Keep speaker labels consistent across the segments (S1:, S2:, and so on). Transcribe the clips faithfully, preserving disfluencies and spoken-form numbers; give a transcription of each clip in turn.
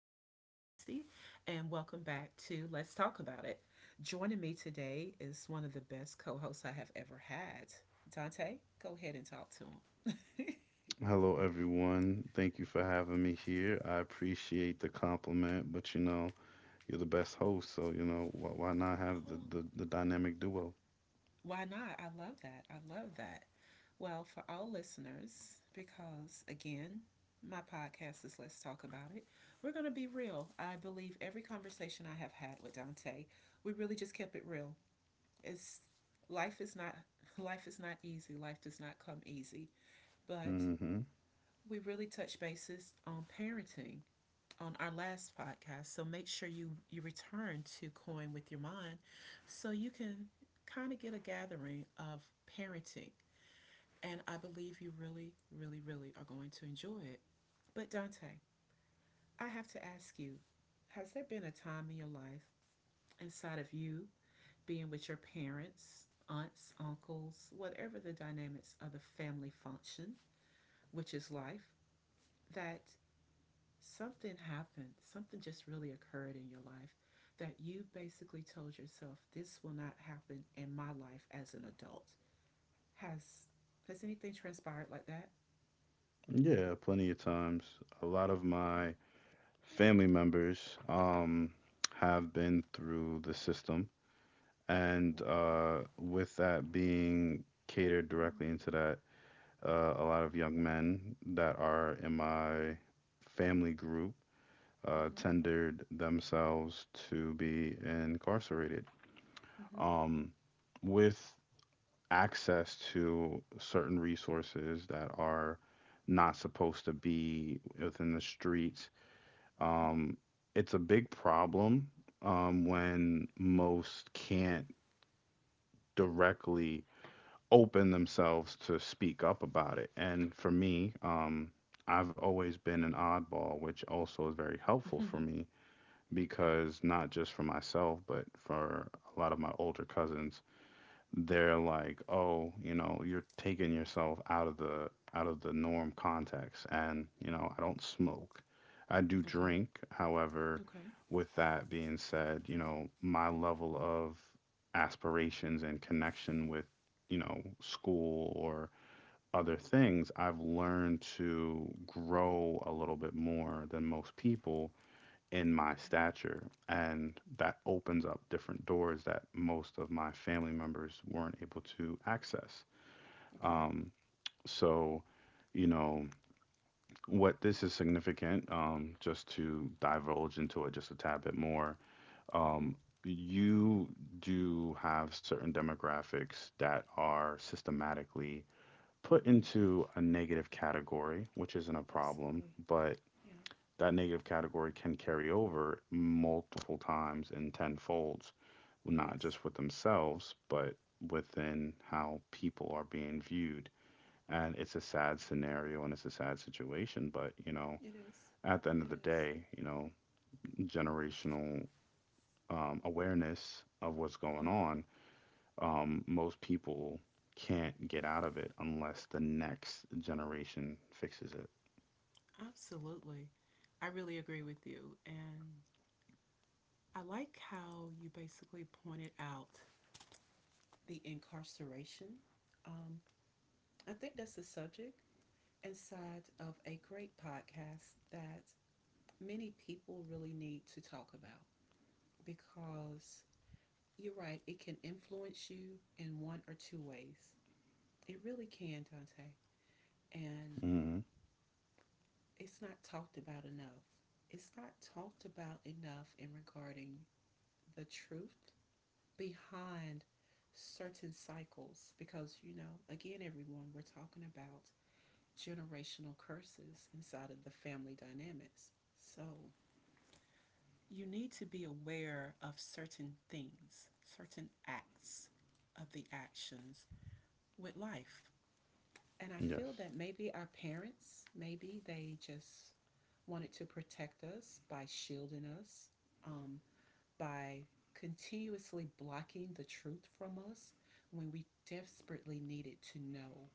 S1: am your host, Tracy, and welcome back to Let's Talk About It. Joining me today is one of the best co hosts I have ever had. Dante, go ahead and talk to him.
S2: Hello, everyone. Thank you for having me here. I appreciate the compliment, but you know, you're the best host, so you know, why, why not have the,
S1: Oh,
S2: the, the dynamic duo?
S1: why not? I love that. I love that. Well, for all listeners, because again, my podcast is Let's Talk About It. We're going to be real. I believe every conversation I have had with Dante, we really just kept it real. It's life is not life is not easy. Life does not come easy. But
S2: Hmm.
S1: we really touched bases on parenting on our last podcast. So make sure you you return to Coin with your mind so you can kind of get a gathering of parenting. And I believe you really really really are going to enjoy it. But Dante, I have to ask you, has there been a time in your life inside of you being with your parents, aunts, uncles, whatever the dynamics of the family function, which is life, that something happened, something just really occurred in your life that you basically told yourself this will not happen in my life as an adult. Has has anything transpired like that?
S2: Yeah, plenty of times. A lot of my family members um, have been through the system, and
S1: Wow.
S2: uh, with that being catered directly into that, uh, a lot of young men that are in my family group uh,
S1: Mm-hmm.
S2: tendered themselves to be incarcerated.
S1: Mm-hmm.
S2: Um, with access to certain resources that are not supposed to be within the streets,
S1: Mm-hmm.
S2: um, it's a big problem um, when most can't directly open themselves to speak up about it. And for me, um, I've always been an oddball, which also is very helpful for
S1: Mm-hmm.
S2: me,
S1: Okay.
S2: because not just for myself, but for a lot of my older cousins, they're like, "Oh, you know, you're taking yourself out of the out of the norm context." And, you know, I don't smoke. I do
S1: Okay.
S2: drink. However,
S1: Okay.
S2: with that being said, you know, my level of aspirations and connection with, you know, school or other things, I've learned to grow a little bit more than most people in my
S1: Okay.
S2: stature. And that opens up different doors that most of my family members weren't able to access.
S1: Okay.
S2: Um, so, you know, what this is significant, um, just to divulge into it just a tad bit more,
S1: Mm-hmm.
S2: um, you do have certain demographics that are systematically put
S1: Mm.
S2: into a negative category, which isn't a problem,
S1: Absolutely.
S2: but
S1: Yeah.
S2: that negative category can carry over multiple times and tenfolds, well, not
S1: Yes.
S2: just with themselves, but within how people are being viewed. And it's a sad scenario and it's a sad situation, but you know,
S1: It is.
S2: at the end of
S1: It
S2: the
S1: is.
S2: day, you know, generational um, awareness of what's going
S1: Yeah,
S2: on, um, most people can't get out of it unless the next generation fixes it.
S1: absolutely. I really agree with you. And I like how you basically pointed out the incarceration. Um, I think that's a subject inside of a great podcast that many people really need to talk about because you're right, it can influence you in one or two ways. It really can, Dante. And
S2: Hmm.
S1: it's not talked about enough. It's not talked about enough in regarding the truth behind certain cycles because you know again everyone we're talking about generational curses inside of the family dynamics, so you need to be aware of certain things, certain acts of the actions with life. And I
S2: Yes.
S1: feel that maybe our parents, maybe they just wanted to protect us by shielding us, um, by continuously blocking the truth from us when we desperately needed to know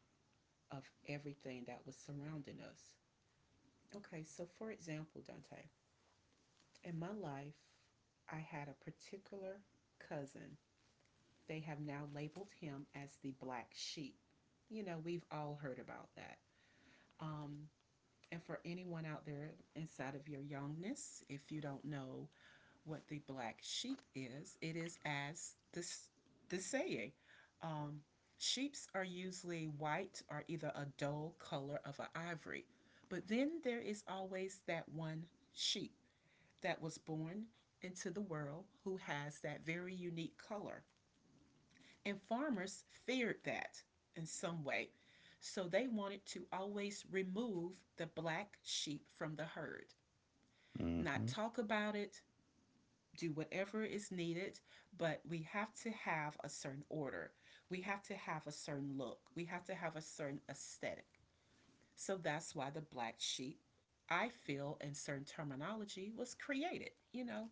S1: of everything that was surrounding us. Okay, so for example, Dante, in my life, I had a particular cousin. They have now labeled him as the black sheep. You know, we've all heard about that. Um, And for anyone out there inside of your youngness, if you don't know what the black sheep is, it is as this the saying. Um, Sheeps are usually white or either a dull color of an ivory, but then there is always that one sheep that was born into the world who has that very unique color. And farmers feared that in some way. So they wanted to always remove the black sheep from the herd, not
S2: Hmm.
S1: talk about it, do whatever is needed, but we have to have a certain order. We have to have a certain look. We have to have a certain aesthetic. So that's why the black sheep, I feel, in certain terminology, was created. You know,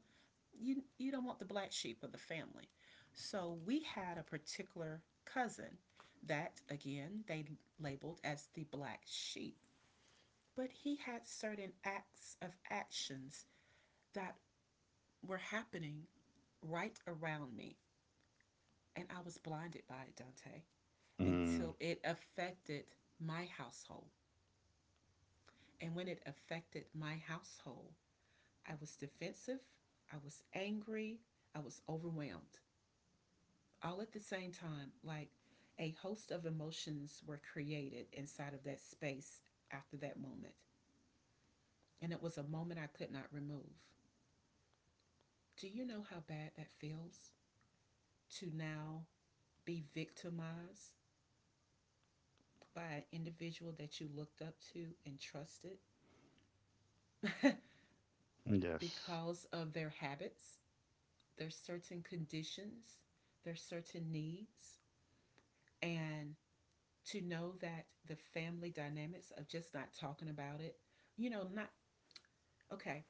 S1: you you don't want the black sheep of the family. So we had a particular cousin that again they labeled as the black sheep, but he had certain acts of actions that were happening right around me and I was blinded by it, Dante,
S2: Mm.
S1: until it affected my household. And when it affected my household, I was defensive, I was angry, I was overwhelmed, all at the same time, like a host of emotions were created inside of that space after that moment. And it was a moment I could not remove. Do you know how bad that feels to now be victimized by an individual that you looked up to and trusted
S2: Yes.
S1: because of their habits, their certain conditions, their certain needs, and to know that the family dynamics of just not talking about it, you know, not. Okay.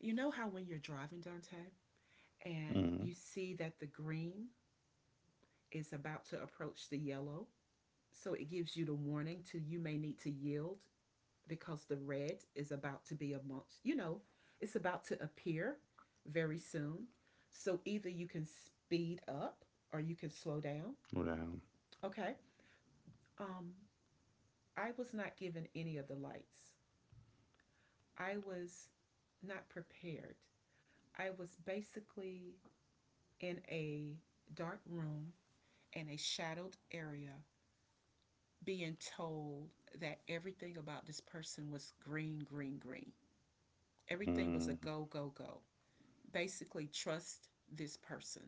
S1: You know how when you're driving, Dante, and
S2: Mm,
S1: you see that the green is about to approach the yellow? So it gives you the warning to you may need to yield because the red is about to be amongst, you know, it's about to appear very soon. So either you can speed up or you can slow down.
S2: yeah.
S1: Okay. Um, I was not given any of the lights. I was not prepared. I was basically in a dark room in a shadowed area being told that everything about this person was green, green, green. Everything was
S2: Mm,
S1: a go, go, go. Basically, trust this person.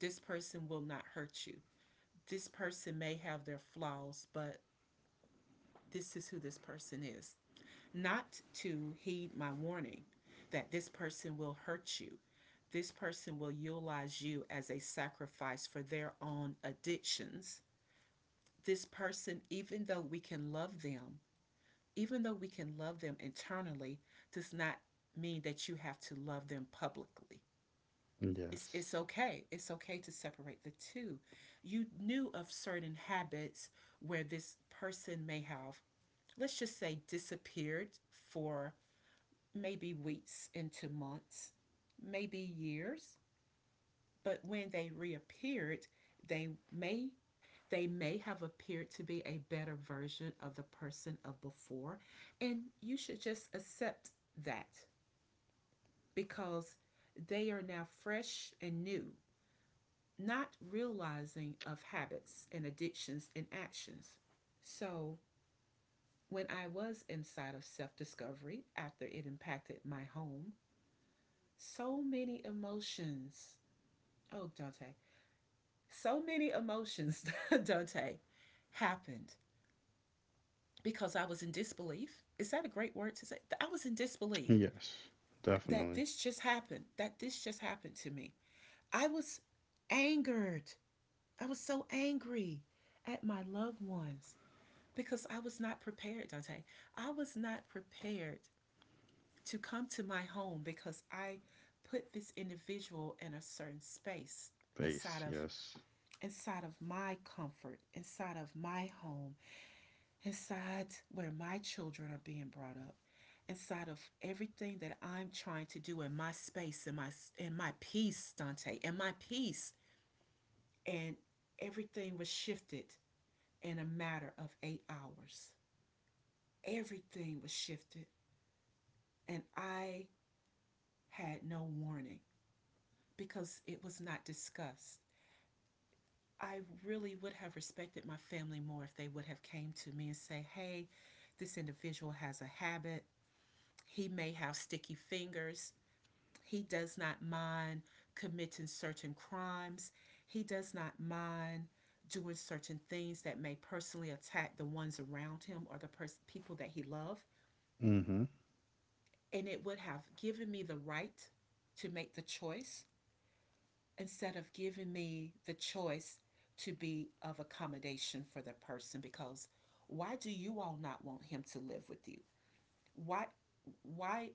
S1: This person will not hurt you. This person may have their flaws, but this is who this person is. Not to heed my warning that this person will hurt you. This person will utilize you as a sacrifice for their own addictions. This person, even though we can love them, even though we can love them internally, does not mean that you have to love them publicly. It's, it's
S2: yes.
S1: okay. It's okay to separate the two. You knew of certain habits where this person may have, let's just say, disappeared for maybe weeks into months, maybe years, but when they reappeared, they may they may have appeared to be a better version of the person of before, and you should just accept that because they are now fresh and new, not realizing of habits and addictions and actions. So, when I was inside of self discovery after it impacted my home, so many emotions. Oh, Dante, so many emotions, Dante, happened because I was in disbelief. Is that a great word to say? I was in disbelief
S2: Yes.
S1: that
S2: Definitely.
S1: this just happened, that this just happened to me. I was angered. I was so angry at my loved ones because I was not prepared, Dante. I was not prepared to come to my home because I put this individual in a certain space
S2: Face.
S1: inside of
S2: Yes.
S1: inside of my comfort, inside of my home, inside where my children are being brought up, inside of everything that I'm trying to do in my space, in my in my peace, Dante, in my peace, and everything was shifted in a matter of eight hours. Everything was shifted, and I had no warning because it was not discussed. I really would have respected my family more if they would have came to me and say, "Hey, this individual has a habit. He may have sticky fingers. He does not mind committing certain crimes. He does not mind doing certain things that may personally attack the ones around him or the pers- people that he loves."
S2: Mm-hmm.
S1: And it would have given me the right to make the choice instead of giving me the choice to be of accommodation for the person. Because why do you all not want him to live with you? Why why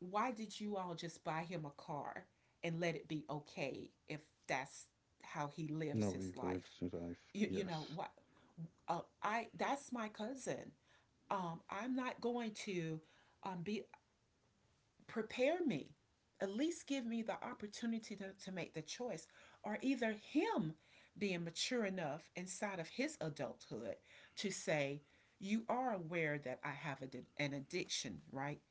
S1: why did you all just buy him a car and let it be okay if that's how he lives
S2: No
S1: his
S2: evil lives
S1: life?
S2: to life.
S1: You, you know
S2: Yes.
S1: what? Uh, I That's my cousin. Um, I'm not going to, um, be. Prepare me. At least give me the opportunity to, to make the choice. Or either him being mature enough inside of his adulthood to say, you are aware that I have a, an addiction, right?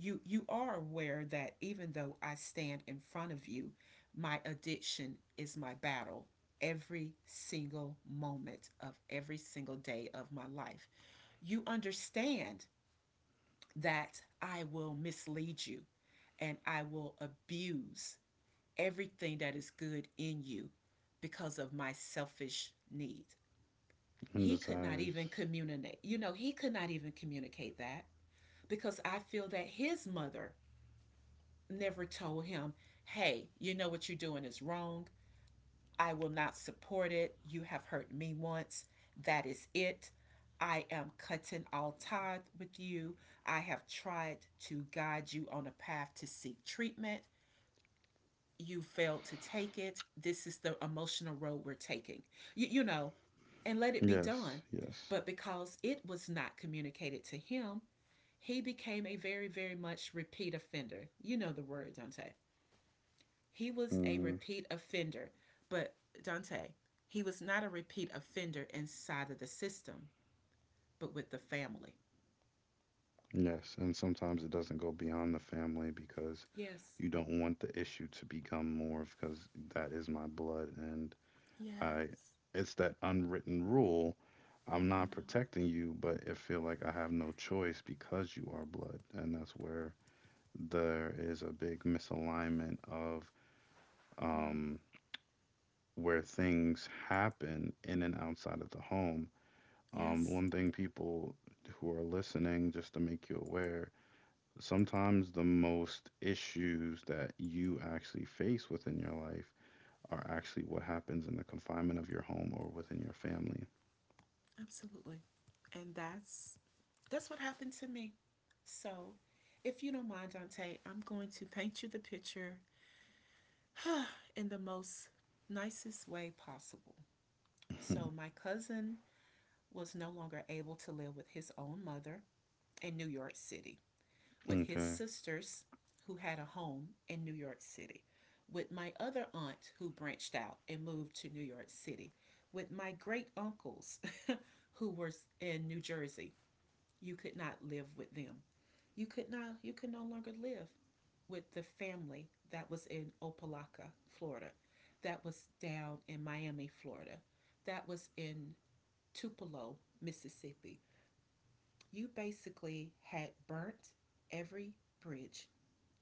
S1: You, you are aware that even though I stand in front of you, my addiction is my battle every single moment of every single day of my life. You understand that I will mislead you and I will abuse everything that is good in you because of my selfish need.
S2: And
S1: He could not even
S2: desires.
S1: communicate. You know, he could not even communicate that because I feel that his mother never told him, hey, you know what you're doing is wrong. I will not support it. You have hurt me once. That is it. I am cutting all ties with you. I have tried to guide you on a path to seek treatment. You failed to take it. This is the emotional road we're taking. You, you know, and let it be done.
S2: Yes. Yes.
S1: But because it was not communicated to him, he became a very, very much repeat offender. You know the word, Dante. He was a
S2: Mm-hmm.
S1: repeat offender, but Dante, he was not a repeat offender inside of the system, but with the family.
S2: Yes. And sometimes it doesn't go beyond the family, because
S1: Yes.
S2: you don't want the issue to become more because that is my blood, and I.
S1: Yes.
S2: It's that unwritten rule. I'm not
S1: Yeah.
S2: protecting you, but it feel like I have no choice because you are blood, and that's where there is a big misalignment of,
S1: Mm.
S2: um, where things happen in and outside of the home. Um,
S1: Yes.
S2: one thing, people who are listening, just to make you aware, sometimes the most issues that you actually face within your life are actually what happens in the confinement of your home or within your family.
S1: Absolutely. And that's that's what happened to me. So, if you don't mind, Dante, I'm going to paint you the picture in the most nicest way possible. So, my cousin was no longer able to live with his own mother in New York City, with his
S2: Okay.
S1: sisters who had a home in New York City, with my other aunt who branched out and moved to New York City, with my great uncles who were in New Jersey. You could not live with them. You could not you could no longer live with the family that was in Opelika, Florida, that was down in Miami, Florida, that was in Tupelo, Mississippi. You basically had burnt every bridge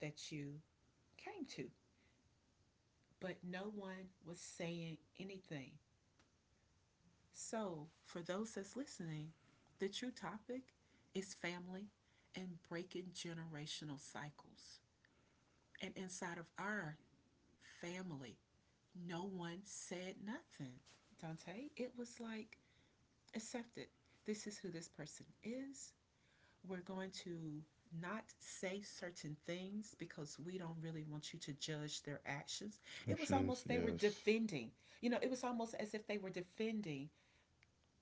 S1: that you came to, but no one was saying anything. So, for those that's listening, the true topic is family and breaking generational cycles. And inside of our family, no one said nothing. Dante, it was like accepted. This is who this person is. We're going to not say certain things because we don't really want you to judge their actions. It was
S2: Actions,
S1: almost they were
S2: yes.
S1: defending. You know, it was almost as if they were defending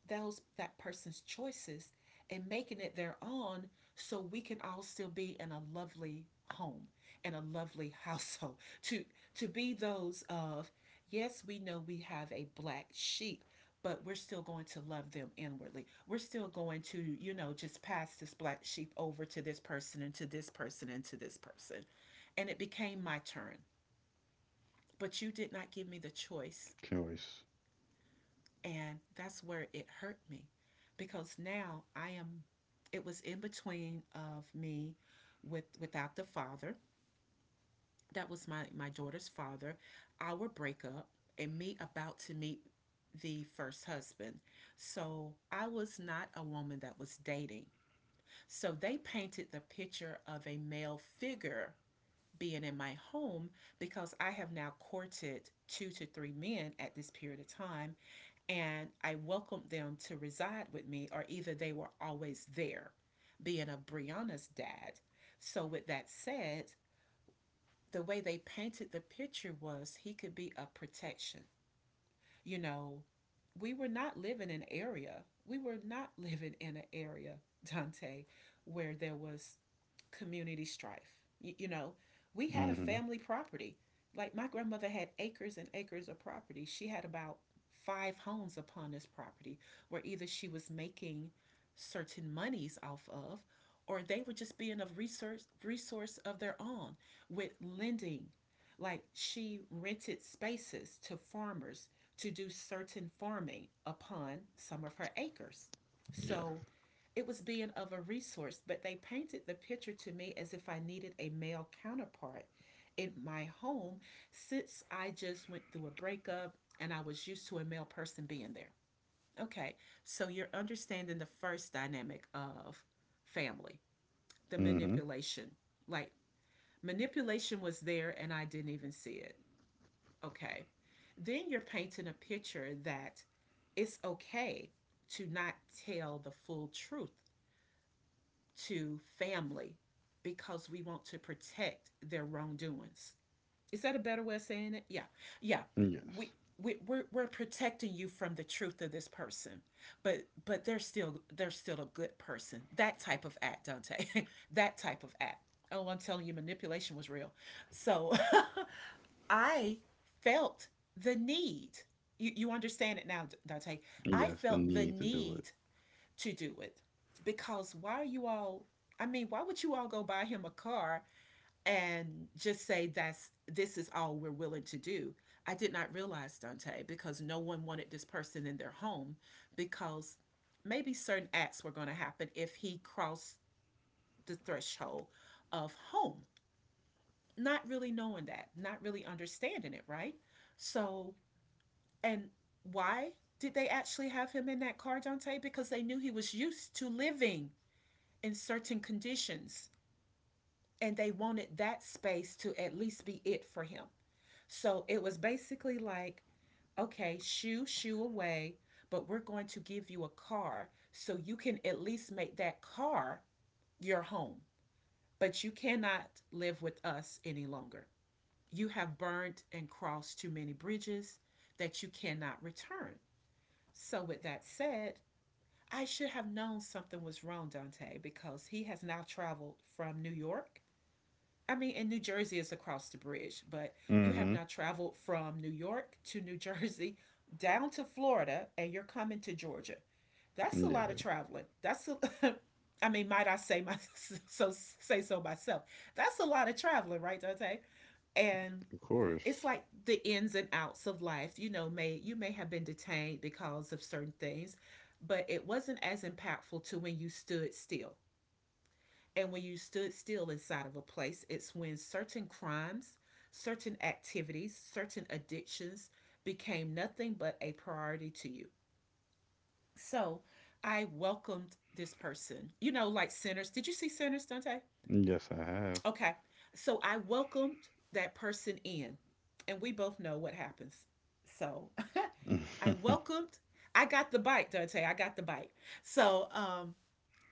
S1: those that person's choices and making it their own, so we can all still be in a lovely home and a lovely household, to to be those of, yes, we know we have a black sheep, but we're still going to love them inwardly. We're still going to, you know just pass this black sheep over to this person and to this person and to this person. And it became my turn, but you did not give me the choice,
S2: Choice.
S1: and that's where it hurt me, because now I am — it was in between of me with without the father. That was my my daughter's father, our breakup, and me about to meet the first husband. So I was not a woman that was dating. So they painted the picture of a male figure being in my home because I have now courted two to three men at this period of time, and I welcomed them to reside with me, or either they were always there, being a Brianna's dad. So, with that said, the way they painted the picture was he could be a protection. you know, we were not living in an area. We were not living in an area, Dante, where there was community strife. Y- you know, we had a
S2: Mm-hmm.
S1: family property. Like, my grandmother had acres and acres of property. She had about five homes upon this property, where either she was making certain monies off of, or they were just being of resource resource of their own with lending. Like, she rented spaces to farmers to do certain farming upon some of her acres.
S2: Yeah.
S1: So it was being of a resource, but they painted the picture to me as if I needed a male counterpart in my home, since I just went through a breakup and I was used to a male person being there. Okay, so you're understanding the first dynamic of family, the
S2: Mm-hmm.
S1: manipulation. Like, manipulation was there and I didn't even see it. Okay. Then you're painting a picture that it's okay to not tell the full truth to family, because we want to protect their wrongdoings. Is that a better way of saying it? Yeah. Yeah. We
S2: Yes.
S1: we, we're, we're protecting you from the truth of this person, but but they're still they're still a good person. That type of act, Dante. That type of act. Oh, I'm telling you, manipulation was real. So I felt the need. You, you understand it now, Dante. I
S2: Yes, the
S1: felt the
S2: need to do it.
S1: need to do it. Because why are you all — I mean, why would you all go buy him a car and just say that's this is all we're willing to do? I did not realize, Dante, because no one wanted this person in their home, because maybe certain acts were going to happen if he crossed the threshold of home. Not really knowing that, not really understanding it, right? So, and why did they actually have him in that car, Dante? Because they knew he was used to living in certain conditions, and they wanted that space to at least be it for him. So it was basically like, okay, shoo, shoo away, but we're going to give you a car so you can at least make that car your home. But you cannot live with us any longer. You have burned and crossed too many bridges that you cannot return. So, with that said, I should have known something was wrong, Dante, because he has now traveled from New York. I mean, in New Jersey is across the bridge, but you have
S2: Mm-hmm.
S1: now traveled from New York to New Jersey, down to Florida, and you're coming to Georgia. That's a lot of
S2: Yeah,
S1: traveling. That's a, I mean, might I say my so say so myself? That's a lot of traveling, right, Dante? And
S2: of course.
S1: it's like the ins and outs of life. you know may you may have been detained because of certain things, but it wasn't as impactful to when you stood still. And when you stood still inside of a place, it's when certain crimes, certain activities, certain addictions became nothing but a priority to you. So I welcomed this person, you know like Sinners. Did you see Sinners, Dante?
S2: Yes, I
S1: Okay, so I welcomed that person in, and we both know what happens. So I
S2: have.
S1: welcomed, I got the bite, Dante. I got the bite. So um,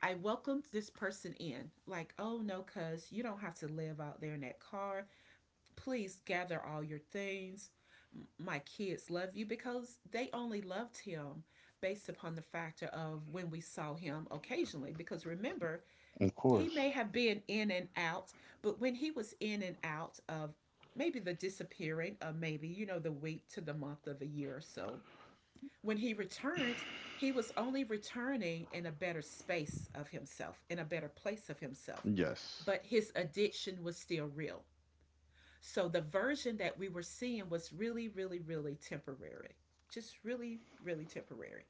S1: I welcomed this person in. Like, oh no, cuz you don't have to live out there in that car. Please gather all your things. My kids love you, because they only loved him based upon the factor of when we saw him occasionally. Because remember,
S2: Of
S1: he
S2: course.
S1: may have been in and out, but when he was in and out of, maybe the disappearing of, maybe, you know, the week to the month of the year or so, when he returned, he was only returning in a better space of himself, in a better place of himself,
S2: Yes.
S1: but his addiction was still real. So the version that we were seeing was really, really, really temporary. Just really, really temporary.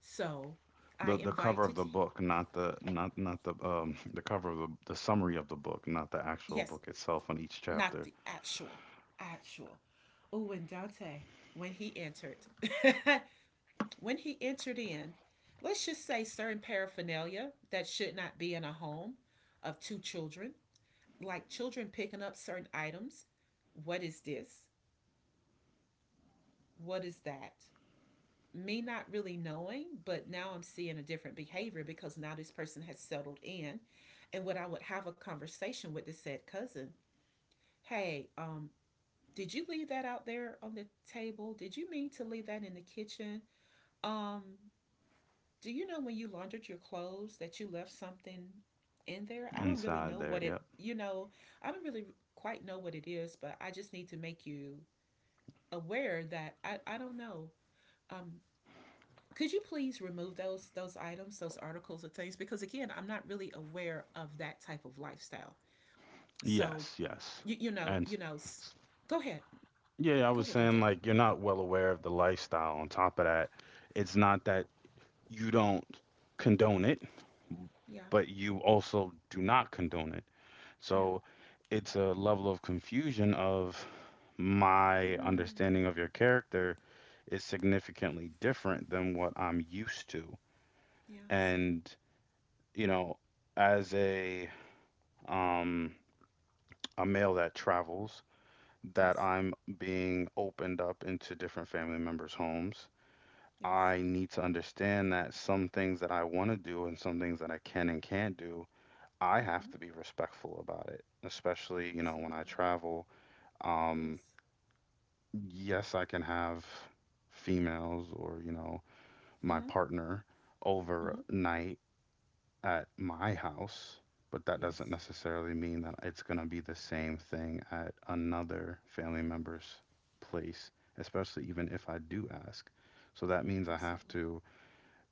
S1: So I
S2: The the cover of
S1: invited,
S2: the book, not the not not the um the cover of the the summary of the book, not the actual
S1: yes,
S2: book itself on each
S1: not
S2: chapter
S1: the actual, actual. Oh, and Dante, when he entered, when he entered in, let's just say certain paraphernalia that should not be in a home of two children, like children picking up certain items. What is this? What is that? Me not really knowing, but now I'm seeing a different behavior, because now this person has settled in. And when I would have a conversation with the said cousin: Hey, um, did you leave that out there on the table? Did you mean to leave that in the kitchen? Um, Do you know, when you laundered your clothes, that you left something in there? I don't really
S2: inside
S1: know
S2: there.
S1: what it —
S2: Yep.
S1: you know, I don't really quite know what it is, but I just need to make you aware that I, I don't know. Um, could you please remove those those items, those articles or things? Because again, I'm not really aware of that type of lifestyle. So
S2: Yes, yes.
S1: you you know
S2: And s-
S1: you know,
S2: s-
S1: go ahead.
S2: yeah, I
S1: Go
S2: was
S1: ahead,
S2: saying,
S1: Dante.
S2: like, you're not well aware of the lifestyle. On top of that, it's not that you don't condone it,
S1: Yeah,
S2: but you also do not condone it.
S1: yeah,
S2: So it's a level of confusion of my
S1: mm,
S2: understanding of your character is significantly different than what I'm used to.
S1: yes,
S2: And, you know, as a um a male that travels, that
S1: yes,
S2: I'm being opened up into different family members' homes,
S1: yes.
S2: I need to understand that some things that I want to do and some things that I can and can't do, I have
S1: Mm-hmm.
S2: to be respectful about it, especially, you know, when I
S1: Absolutely,
S2: travel. Um,
S1: yes.
S2: yes, I can have females or, you know, my
S1: Mm-hmm. Mm-hmm.
S2: partner overnight at my house, but that doesn't
S1: Yes.
S2: necessarily mean that it's going to be the same thing at another family member's place, especially even if I do ask. So that means I have
S1: Absolutely.
S2: to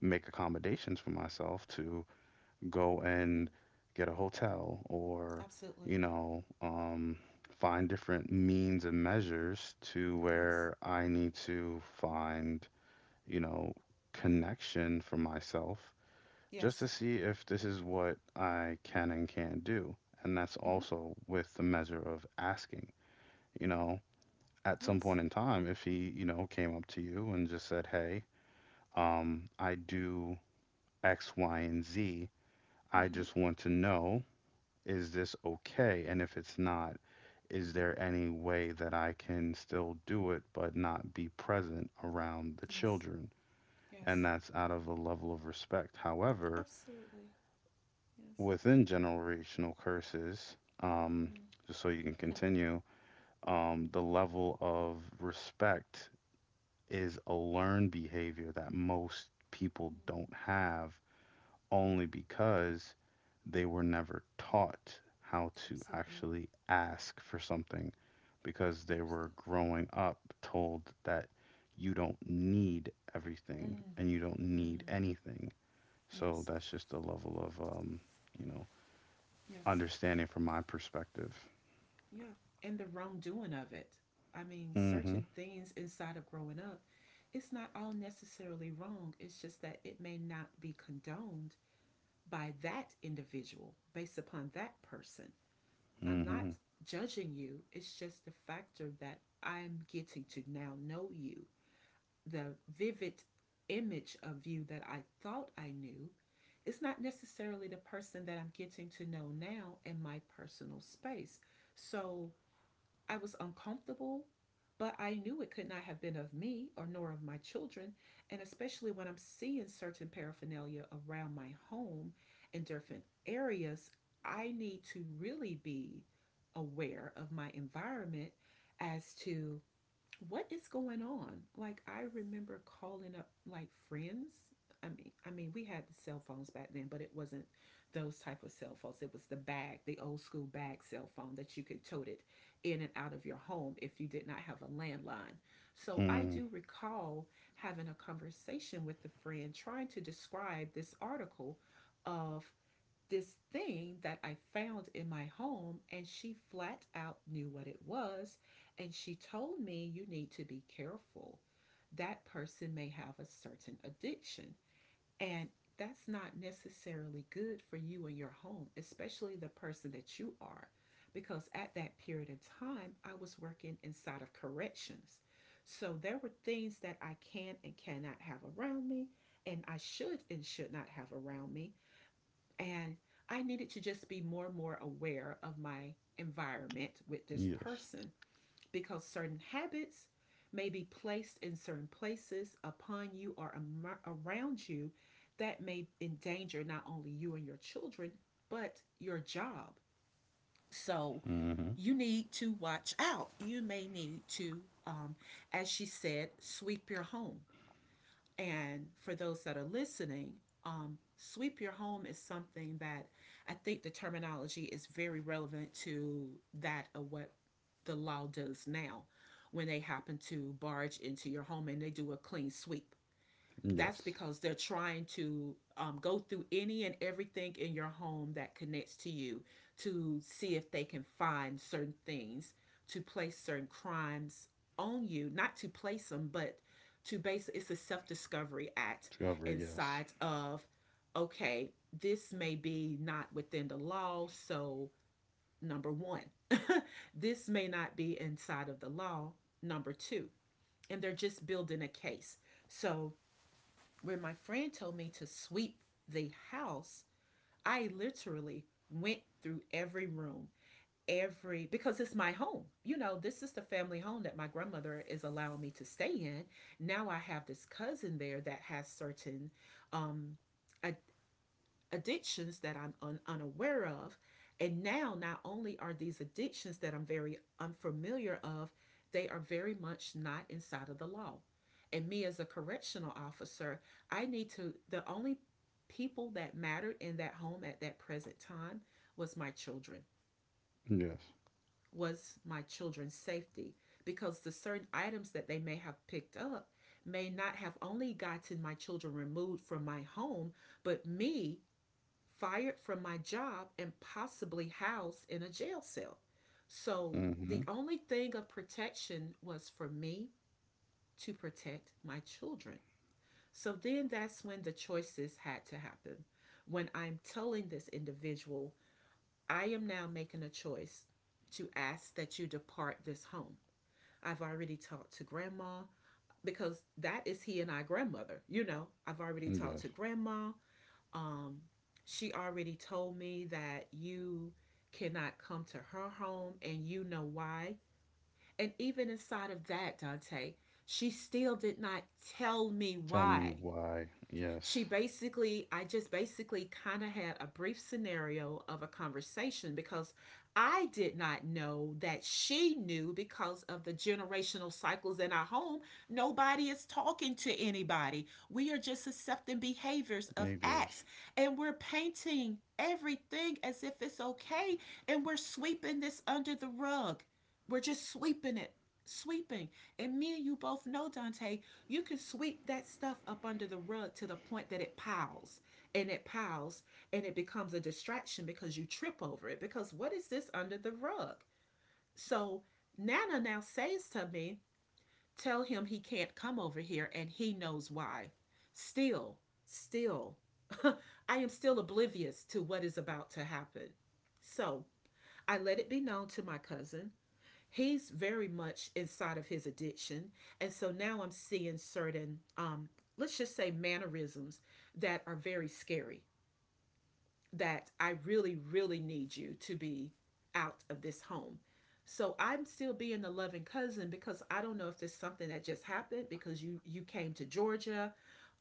S2: make accommodations for myself to go
S1: Mm.
S2: and get a hotel, or,
S1: Absolutely.
S2: you know, um, find different means and measures to
S1: Yes.
S2: where I need to find, you know, connection for myself, just
S1: Yes.
S2: to see if this is what I can and can't do. And that's
S1: Mm-hmm.
S2: also with the measure of asking, you know, at some
S1: Yes.
S2: point in time, if he, you know, came up to you and just said, "Hey, um, I do X, Y, and Z. I
S1: Mm-hmm.
S2: just want to know, is this okay? And if it's not, is there any way that I can still do it but not be present around the
S1: Yes.
S2: children?" And
S1: Yes.
S2: that's out of a level of respect. However,
S1: Absolutely. Yes.
S2: within generational curses, um,
S1: Mm.
S2: just so you can continue, um, the level of respect is a learned behavior that most people
S1: Mm.
S2: don't have, only because they were never taught how to
S1: Absolutely.
S2: actually ask for something, because they were
S1: Absolutely.
S2: growing up told that you don't need everything
S1: Mm.
S2: and you don't need
S1: Mm.
S2: anything. So
S1: Yes.
S2: that's just a level of, um, you know,
S1: Yes.
S2: understanding from my perspective.
S1: Yeah. And the wrongdoing of it. I mean,
S2: Mm-hmm.
S1: certain things inside of growing up, it's not all necessarily wrong. It's just that it may not be condoned by that individual based upon that person. I'm not
S2: Mm-hmm.
S1: judging you. It's just the factor that I'm getting to now know you. The vivid image of you that I thought I knew is not necessarily the person that I'm getting to know now in my personal space. So I was uncomfortable, but I knew it could not have been of me or nor of my children, and especially when I'm seeing certain paraphernalia around my home in different areas, I need to really be aware of my environment as to what is going on. Like, I remember calling up like friends. I mean, I mean, we had the cell phones back then, but it wasn't those type of cell phones. It was the bag, the old school bag cell phone that you could tote it in and out of your home if you did not have a landline. So I
S2: Mm.
S1: do recall having a conversation with a friend, trying to describe this article, of this thing that I found in my home, and she flat out knew what it was. And she told me, "You need to be careful. That person may have a certain addiction. And that's not necessarily good for you and your home, especially the person that you are." Because at that period of time, I was working inside of corrections. So there were things that I can and cannot have around me, and I should and should not have around me, and I needed to just be more and more aware of my environment with this
S2: Yes.
S1: person, because certain habits may be placed in certain places upon you or am- around you, that may endanger not only you and your children, but your job. So
S2: Mm-hmm.
S1: you need to watch out. You may need to, um, as she said, sweep your home. And for those that are listening, um, sweep your home is something that I think the terminology is very relevant to that of what the law does now when they happen to barge into your home and they do a clean sweep. That's
S2: Yes.
S1: because they're trying to um, go through any and everything in your home that connects to you, to see if they can find certain things to place certain crimes on you. Not to place them, but to base, it's a self-discovery act
S2: Discovery. Yes.
S1: inside of. Okay, this may be not within the law, so number one, this may not be inside of the law, number two, and they're just building a case. So where my friend told me to sweep the house, I literally went through every room, every, because it's my home. You know, this is the family home that my grandmother is allowing me to stay in. Now I have this cousin there that has certain um ad- addictions that I'm un- unaware of. And now, not only are these addictions that I'm very unfamiliar of, they are very much not inside of the law. And me as a correctional officer, I need to, the only people that mattered in that home at that present time was my children,
S2: Yes.
S1: was my children's safety, because the certain items that they may have picked up may not have only gotten my children removed from my home, but me fired from my job, and possibly housed in a jail cell. So
S2: Mm-hmm.
S1: the only thing of protection was for me to protect my children. So then that's when the choices had to happen. When I'm telling this individual, I am now making a choice to ask that you depart this home. I've already talked to grandma, because that is he and I grandmother, you know. I've already
S2: Yes.
S1: talked to grandma. Um, she already told me that you cannot come to her home, and you know why. And even inside of that, Dante, she still did not tell me
S2: Tell me
S1: why.
S2: why. Yes.
S1: She basically, i just basically kind of had a brief scenario of a conversation, because i did not know that she knew. Because of the generational cycles in our home, nobody is talking to anybody. We are just accepting behaviors of
S2: Behaviors.
S1: acts and we're painting everything as if it's okay, and we're sweeping this under the rug. We're just sweeping it, sweeping. And me and you both know, dante, you can sweep that stuff up under the rug to the point that it piles and it piles, and it becomes a distraction because you trip over it. Because what is this under the rug? So Nana now says to me, tell him he can't come over here and he knows why. Still, still, I am still oblivious to what is about to happen. So I let it be known to my cousin, he's very much inside of his addiction. And so now I'm seeing certain, um, let's just say, mannerisms that are very scary, that I really, really need you to be out of this home. So I'm still being the loving cousin, because I don't know if there's something that just happened because you you came to Georgia,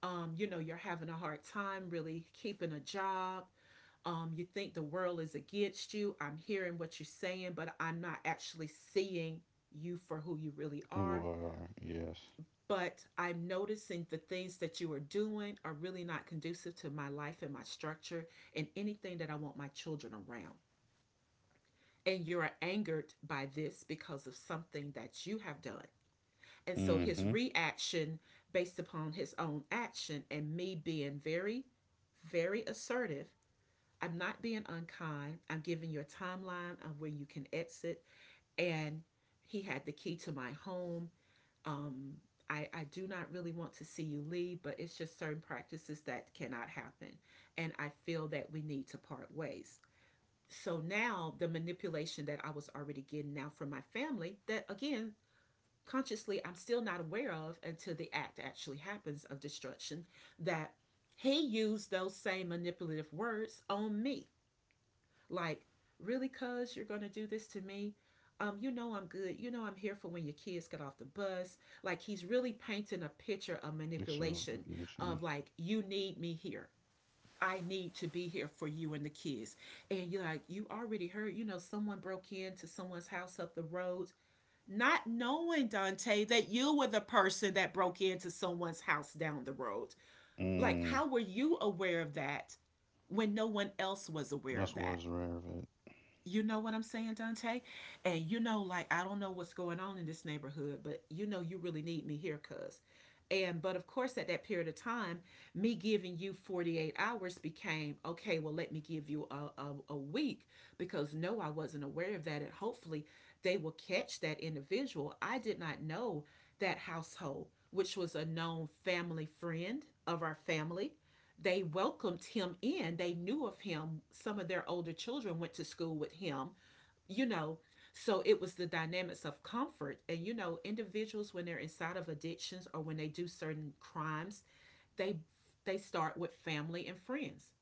S1: um, you know, you're having a hard time really keeping a job, um, you think the world is against you. I'm hearing what you're saying, but I'm not actually seeing you for who you really
S2: You
S1: are.
S2: are, yes.
S1: But I'm noticing the things that you are doing are really not conducive to my life and my structure and anything that I want my children around. And you're angered by this because of something that you have done. And so his
S2: Mm-hmm.
S1: reaction, based upon his own action and me being very, very assertive, I'm not being unkind. I'm giving you a timeline of where you can exit. And he had the key to my home. Um, I, I do not really want to see you leave, but it's just certain practices that cannot happen. And I feel that we need to part ways. So now the manipulation that I was already getting now from my family, that again, consciously I'm still not aware of until the act actually happens of destruction, that he used those same manipulative words on me, like, really, cuz you're going to do this to me? Um, you know I'm good. You know I'm here for when your kids get off the bus. Like, he's really painting a picture of manipulation
S2: Exovitation.
S1: of like, you need me here. I need to be here for you and the kids. And you're like, you already heard, you know, someone broke into someone's house up the road, not knowing, Dante, that you were the person that broke into someone's house down the road. Like,
S2: Mm.
S1: how were you aware of that when no one else was aware
S2: That's
S1: of
S2: what's
S1: that?
S2: rare of it.
S1: You know what I'm saying, Dante? And you know, like, I don't know what's going on in this neighborhood, but you know, you really need me here, cuz. And, but of course, at that period of time, me giving you forty-eight hours became, okay, well, let me give you a, a, a week, because no, I wasn't aware of that. And hopefully they will catch that individual. I did not know that household, which was a known family friend of our family, they welcomed him in. They knew of him. Some of their older children went to school with him, you know. So it was the dynamics of comfort. And, you know, individuals, when they're inside of addictions or when they do certain crimes, they they start with family and friends.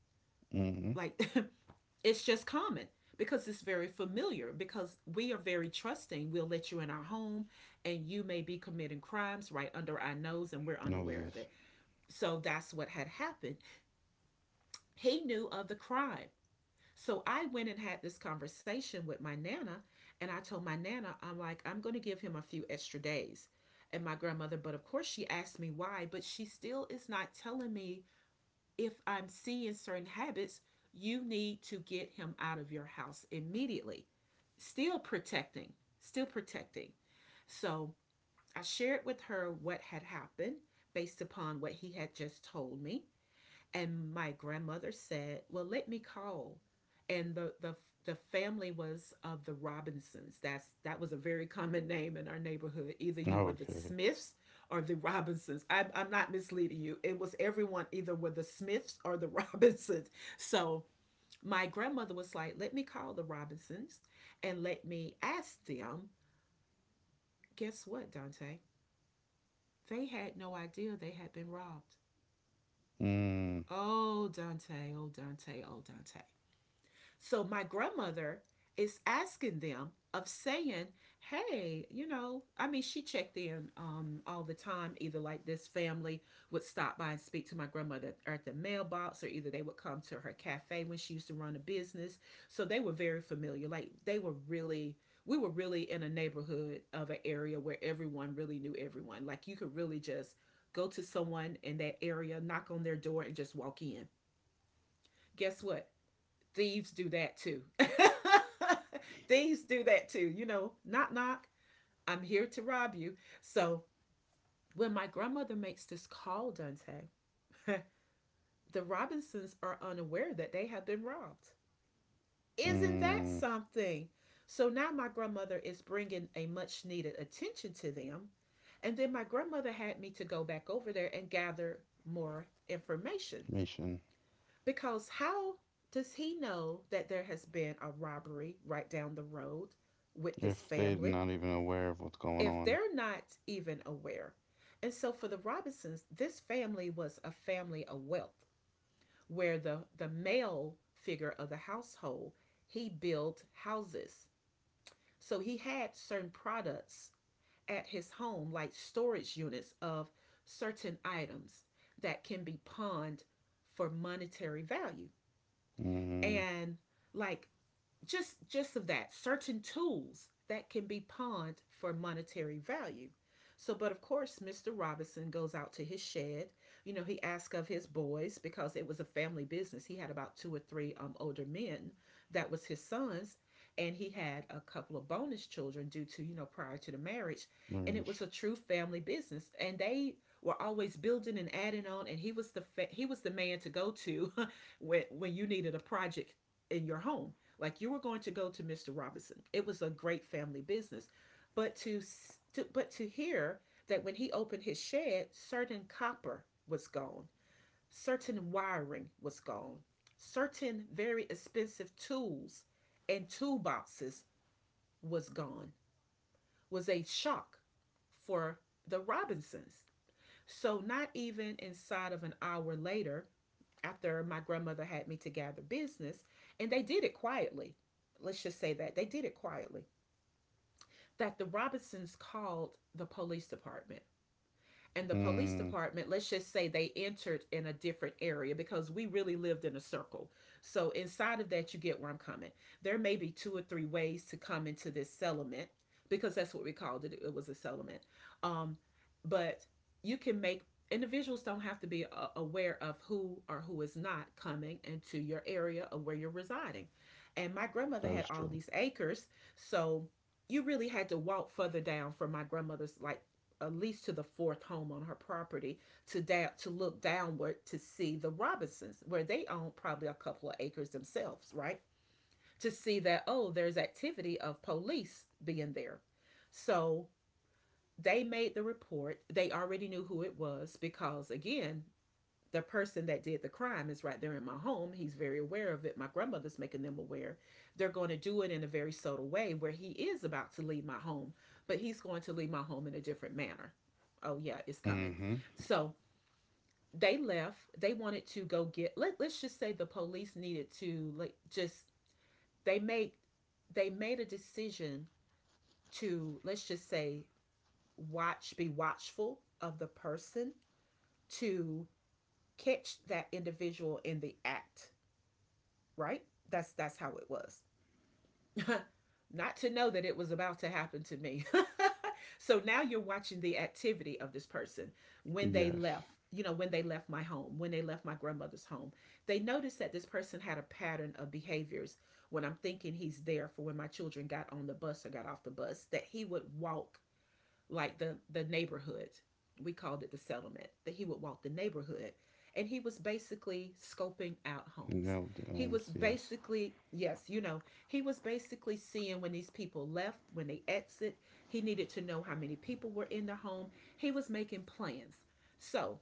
S2: Mm-hmm.
S1: Like, it's just common, because it's very familiar, because we are very trusting. We'll let you in our home and you may be committing crimes right under our nose and we're
S2: Know
S1: unaware of
S2: this.
S1: it. So that's what had happened. He knew of the crime. So I went and had this conversation with my nana, and I told my nana, I'm like, I'm going to give him a few extra days. And my grandmother, but of course, she asked me why, but she still is not telling me, if I'm seeing certain habits, you need to get him out of your house immediately. Still protecting, still protecting. So I shared with her what had happened based upon what he had just told me. And my grandmother said, well, let me call. And the, the the family was of the Robinsons. That's that was a very common name in our neighborhood. Either you were the
S2: Okay.
S1: Smiths or the Robinsons. I'm, I'm not misleading you. It was everyone, either were the Smiths or the Robinsons. So my grandmother was like, let me call the Robinsons and let me ask them. Guess what, Dante? They had no idea they had been robbed.
S2: Mm.
S1: Oh, Dante, oh, Dante, oh, Dante. So my grandmother is asking them of saying, "Hey, you know, I mean, she checked in um, all the time. Either like this family would stop by and speak to my grandmother at the mailbox, or either they would come to her cafe when she used to run a business. So they were very familiar. Like they were really, we were really in a neighborhood of an area where everyone really knew everyone. Like you could really just go to someone in that area, knock on their door, and just walk in. Guess what? Thieves do that too. Thieves do that too. You know, knock, knock, I'm here to rob you. So when my grandmother makes this call, Dante, the Robinsons are unaware that they have been robbed. Isn't that
S2: Mm.
S1: something? So now my grandmother is bringing a much needed attention to them. And then my grandmother had me to go back over there and gather more information.
S2: Mission.
S1: Because how does he know that there has been a robbery right down the road with this
S2: If they're
S1: family
S2: not even aware of what's going
S1: if
S2: on.
S1: they're not even aware? And so for the Robinsons, this family was a family of wealth, where the, the male figure of the household, he built houses. So he had certain products at his home, like storage units of certain items that can be pawned for monetary value.
S2: Mm-hmm.
S1: And like, just just of that, certain tools that can be pawned for monetary value. So but of course, Mr. Robinson goes out to his shed, you know, he asks of his boys, because it was a family business. He had about two or three um, older men that was his sons, and he had a couple of bonus children due to, you know, prior to the marriage. And it was a
S2: Merge.
S1: true family business, and they were always building and adding on, and he was the fa- he was the man to go to when when you needed a project in your home. Like you were going to go to mister Robinson. It was a great family business, but to, to but to hear that when he opened his shed, certain copper was gone, certain wiring was gone, certain very expensive tools and toolboxes was gone, was a shock for the Robinsons. So, not even inside of an hour later, after my grandmother had me to gather business, and they did it quietly. Let's just say that they did it quietly. That the Robinsons called the police department, and the police
S2: Mm.
S1: department, let's just say they entered in a different area because we really lived in a circle. So inside of that, you get where I'm coming. There may be two or three ways to come into this settlement because that's what we called it. It was a settlement. Um, but you can make, individuals don't have to be uh, aware of who or who is not coming into your area of where you're residing. And my grandmother
S2: That
S1: had
S2: is
S1: all
S2: true.
S1: these acres, so you really had to walk further down from my grandmother's, like at least to the fourth home on her property, to da- to look downward to see the Robinsons, where they own probably a couple of acres themselves, right? To see that, oh, there's activity of police being there. So they made the report. They already knew who it was because, again, the person that did the crime is right there in my home. He's very aware of it. My grandmother's making them aware. They're going to do it in a very subtle way where he is about to leave my home, but he's going to leave my home in a different manner. Oh, yeah, it's coming.
S2: Mm-hmm.
S1: So they left. They wanted to go get, let, let's just say the police needed to, like, just, they made, they made a decision to, let's just say, watch, be watchful of the person to catch that individual in the act, right? That's that's how it was. Not to know that it was about to happen to me. So now you're watching the activity of this person when they
S2: Yes.
S1: left, you know, when they left my home, when they left my grandmother's home. They noticed that this person had a pattern of behaviors. When I'm thinking, he's there for when my children got on the bus or got off the bus, that he would walk like the the neighborhood. We called it the settlement. That he would walk the neighborhood, and he was basically scoping out homes.
S2: No
S1: He was
S2: domes, yes.
S1: basically, yes, you know, he was basically seeing when these people left, when they exit. He needed to know how many people were in the home. He was making plans. So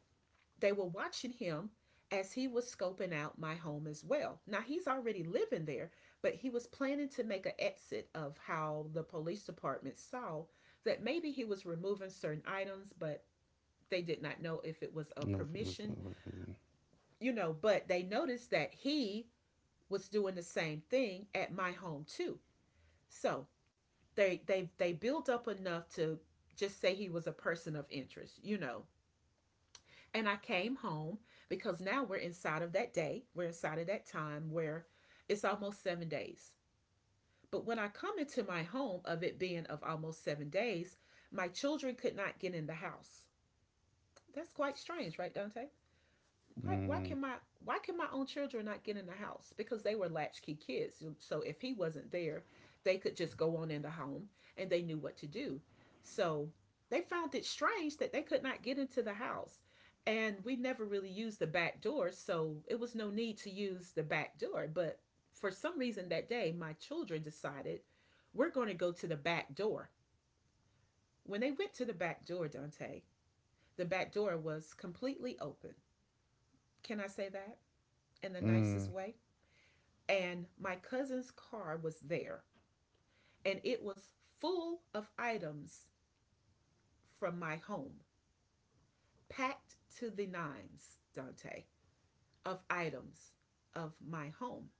S1: they were watching him as he was scoping out my home as well. Now he's already living there, but he was planning to make an exit of how the police department saw that maybe he was removing certain items, but they did not know if it was a
S2: No fields
S1: permission,
S2: over vision.
S1: you know, but they noticed that he was doing the same thing at my home too. So they they they built up enough to just say he was a person of interest, you know. And I came home because now we're inside of that day. We're inside of that time where it's almost seven days. But when I come into my home of it being of almost seven days, my children could not get in the house. That's quite strange, right, Dante? why why can
S2: Mm.
S1: my, why can my own children not get in the house? Because they were latchkey kids, so if he wasn't there they could just go on in the home, and they knew what to do. So they found it strange that they could not get into the house, and we never really used the back door, so it was no need to use the back door, but for some reason that day my children decided we're going to go to the back door. When they went to the back door, Dante, the back door was completely open. Can I say that in the nicest
S2: Mm.
S1: way? And my cousin's car was there, and it was full of items from my home, packed to the nines, Dante, of items of my home.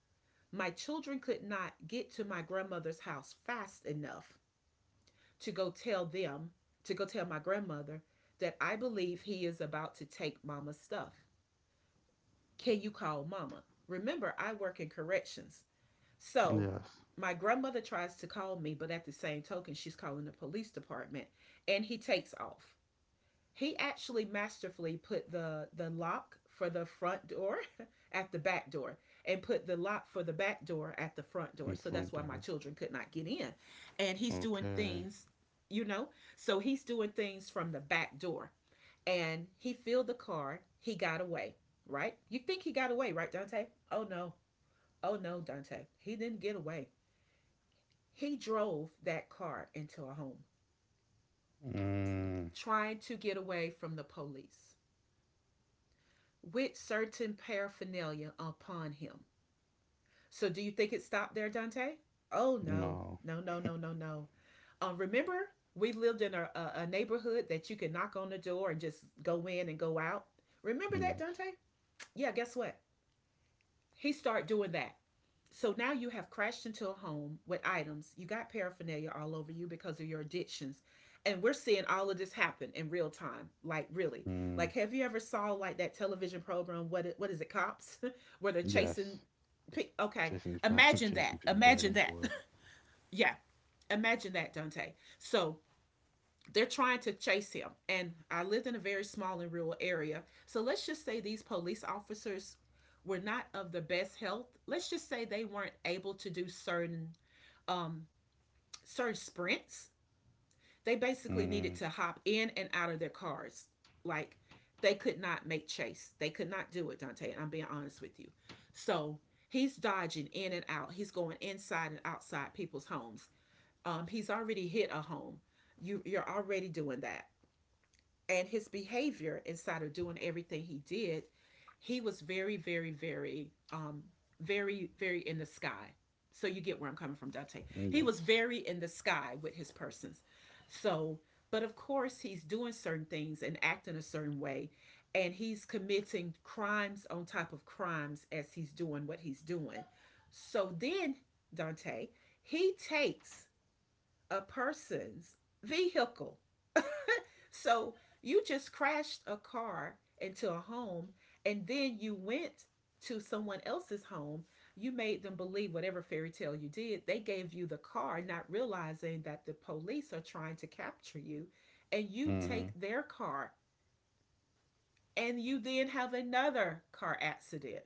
S1: My children could not get to my grandmother's house fast enough to go tell them, to go tell my grandmother that I believe he is about to take mama's stuff. Can you call mama? Remember, I work in corrections. So
S2: Yes.
S1: my grandmother tries to call me, but at the same token, she's calling the police department, and he takes off. He actually masterfully put the the lock for the front door at the back door and put the lock for the back door at the front door.
S2: In
S1: So that's
S2: front
S1: why my
S2: door.
S1: children could not get in. And he's doing
S2: Okay.
S1: things, you know. So he's doing things from the back door. And he filled the car. He got away, right? You think he got away, right, Dante? Oh no. Oh no, Dante. He didn't get away. He drove that car into a home,
S2: Mm.
S1: trying to get away from the police with certain paraphernalia upon him. So, do you think it stopped there, Dante? Oh, no,
S2: No.
S1: no, no, no, no, no. Um, remember, we lived in a, a, neighborhood that you could knock on the door and just go in and go out. Remember that,
S2: Yes.
S1: Dante? Yeah, guess what? He started doing that. So now you have crashed into a home with items. You got paraphernalia all over you because of your addictions. And we're seeing all of this happen in real time. Like, really. Like,
S2: Mm,
S1: have you ever saw like that television program, what what is it, Cops, where they're chasing?
S2: yes.
S1: Okay.
S2: Chasing his po-
S1: Imagine that.
S2: chasing people back
S1: Imagine
S2: and
S1: that.
S2: forth.
S1: Yeah. Imagine that, Dante. So they're trying to chase him. And I lived in a very small and rural area. So let's just say these police officers were not of the best health. Let's just say they weren't able to do certain um certain sprints. They basically needed
S2: Mm,
S1: to hop in and out of their cars. Like, they could not make chase. They could not do it, Dante. And I'm being honest with you. So he's dodging in and out. He's going inside and outside people's homes. Um, he's already hit a home. You, you're already doing that, and his behavior inside of doing everything he did, he was very, very, very, um, very, very in the sky. So you get where I'm coming from, Dante. He was
S2: yes.
S1: very in the sky with his persons. So, but of course, he's doing certain things and acting a certain way, and he's committing crimes on top of crimes as he's doing what he's doing. So then, Dante, he takes a person's vehicle. So you just crashed a car into a home and then you went to someone else's home. You made them believe whatever fairy tale you did. They gave you the car, not realizing that the police are trying to capture you. And you take
S2: Hmm.
S1: their car and you then have another car accident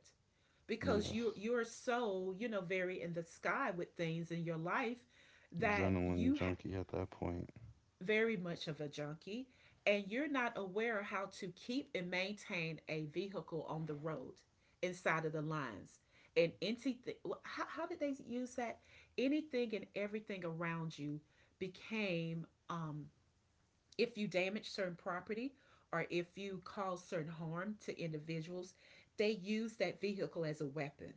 S1: because you
S2: Yes.
S1: you're so, you know, very in the sky with things in your life, that
S2: Adrenaline
S1: you,
S2: junkie at that point.
S1: very much of a junkie, and you're not aware how to keep and maintain a vehicle on the road inside of the lines. And anything, how, how did they use that, anything and everything around you became, um, if you damage certain property or if you cause certain harm to individuals, they use that vehicle as a weapon.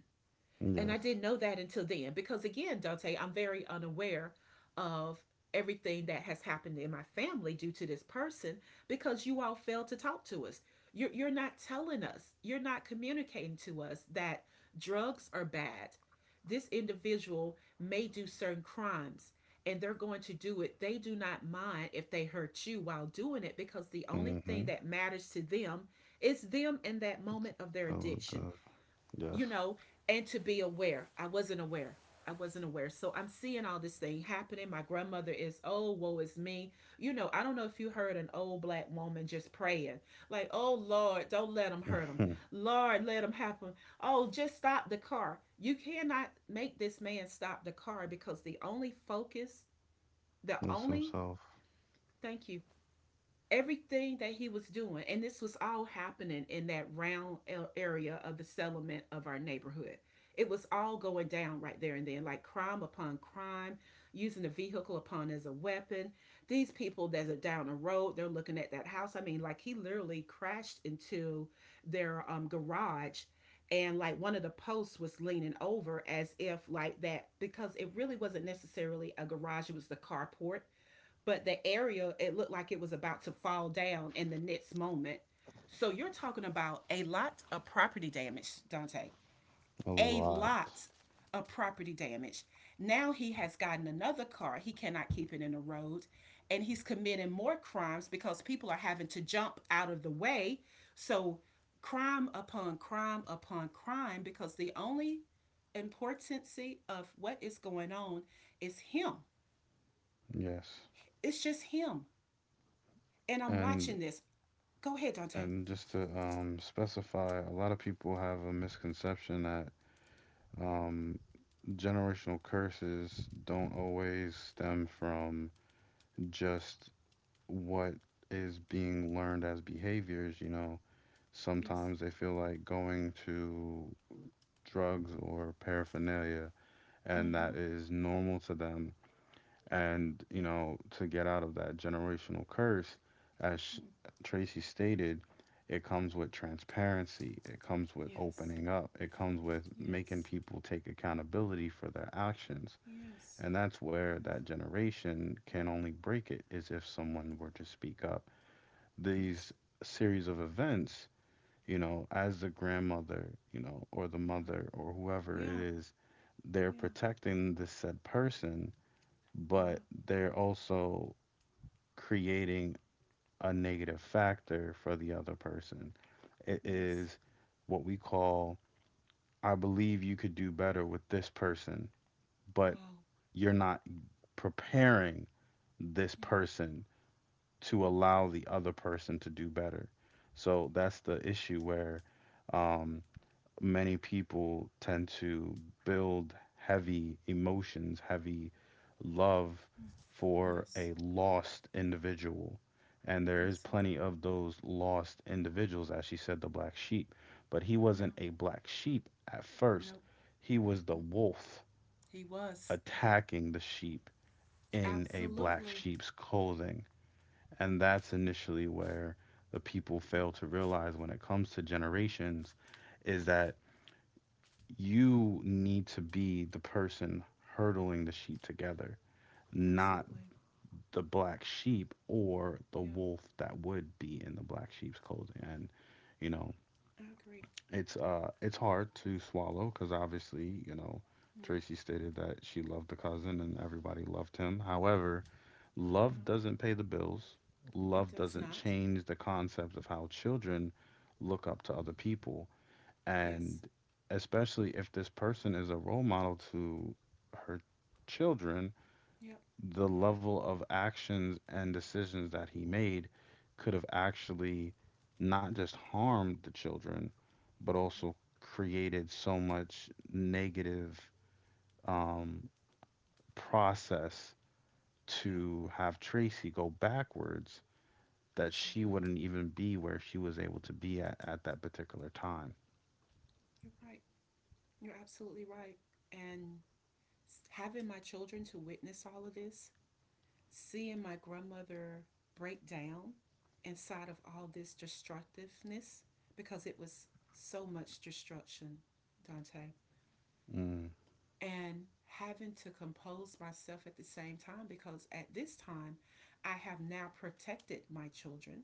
S1: And I
S2: Yes.
S1: didn't know that until then because, again, Dante, I'm very unaware of everything that has happened in my family due to this person because you all failed to talk to us. You're, you're not telling us, you're not communicating to us that drugs are bad. This individual may do certain crimes and they're going to do it. They do not mind if they hurt you while doing it because the only thing
S2: Mm-hmm.
S1: that matters to them is them in that moment of their
S2: Oh,
S1: addiction,
S2: it does.
S1: you know, and to be aware. I wasn't aware. I wasn't aware. So I'm seeing all this thing happening. My grandmother is, oh, woe is me. You know, I don't know if you heard an old black woman just praying, like, oh, Lord, don't let them
S2: Yes.
S1: hurt him.
S2: Mhm.
S1: Lord, let them happen. Oh, just stop the car. You cannot make this man stop the car because the only focus, the
S2: Lives
S1: only,
S2: himself
S1: thank you, everything that he was doing, and this was all happening in that round area of the settlement of our neighborhood. It was all going down right there and then, like crime upon crime, using the vehicle upon as a weapon. These people that are down the road, they're looking at that house. I mean, like, he literally crashed into their um, garage. And like, one of the posts was leaning over, as if like that, because it really wasn't necessarily a garage, it was the carport. But the area, it looked like it was about to fall down in the next moment. So you're talking about a lot of property damage, Dante.
S2: a
S1: A
S2: lot.
S1: lot of property damage. Now he has gotten another car. He cannot keep it in the road. And he's committing more crimes because people are having to jump out of the way. So crime upon crime upon crime, because the only importance of what is going on is him.
S2: Yes.
S1: It's just him. And I'm
S2: And
S1: watching this. Go ahead, Dante.
S2: and just to um specify, a lot of people have a misconception that um generational curses don't always stem from just what is being learned as behaviors. you know,
S1: Yes.
S2: sometimes they feel like going to drugs or paraphernalia, and that
S1: Mm-hmm.
S2: is normal to them, and you know to get out of that generational curse, as sh- Tracy stated, it comes with transparency, it comes with
S1: Yes.
S2: opening up, it comes with making
S1: Yes.
S2: people take accountability for their actions.
S1: Yes.
S2: And that's where that generation can only break it, is if someone were to speak up
S1: Yes.
S2: these series of events. you know, as the grandmother, you know, or the
S1: Yes.
S2: mother or whoever
S1: Yeah.
S2: it
S1: Yeah.
S2: is, they're
S1: Yeah.
S2: protecting this said person, but
S1: Yeah.
S2: they're also creating a negative factor for the other person. It
S1: Yes.
S2: is what we call, "I believe you could do better with this person, but
S1: Wow.
S2: you're not preparing this
S1: Yeah.
S2: person to
S1: Yeah.
S2: allow the other person to do better." So that's the issue where, um, many people tend to build heavy emotions, heavy love for
S1: Yes.
S2: a lost individual. And there is
S1: Absolutely.
S2: plenty of those lost individuals, as she said, the black sheep. But he
S1: Yeah.
S2: wasn't a black sheep at first,
S1: Nope.
S2: he was the
S1: Mm-mm.
S2: wolf
S1: He was.
S2: attacking the sheep in a black
S1: Absolutely.
S2: sheep's clothing. And that's initially where the people
S1: Mm.
S2: fail to realize, when it comes to generations, is that you need to be the person hurdling the sheep together, not
S1: Absolutely.
S2: the black sheep or the
S1: Yeah.
S2: wolf that would be in the black sheep's clothing. And you know,
S1: I agree.
S2: it's uh, it's hard to swallow because, obviously, you know,
S1: Yeah.
S2: Tracy stated that she loved the cousin and everybody loved him. However,
S1: Yeah.
S2: love doesn't pay the bills.
S1: It
S2: Love
S1: does
S2: doesn't
S1: not.
S2: change the concept of how children look up to
S1: Mm.
S2: other people.
S1: Yes.
S2: And especially if this person is a role model to her children,
S1: Yep.
S2: the level of actions and decisions that he made could have actually not just harmed the children, but
S1: Yeah.
S2: also created so much negative, um, process
S1: Yeah.
S2: to have Tracy go backwards, that she
S1: Absolutely.
S2: wouldn't even be where she was able to be at at that particular time.
S1: You're right. You're absolutely right. And having my children to witness all of this, seeing my grandmother break down inside of all this destructiveness, because it was so much destruction, Dante,
S2: Mm,
S1: and having to compose myself at the same time, because at this time I have now protected my children.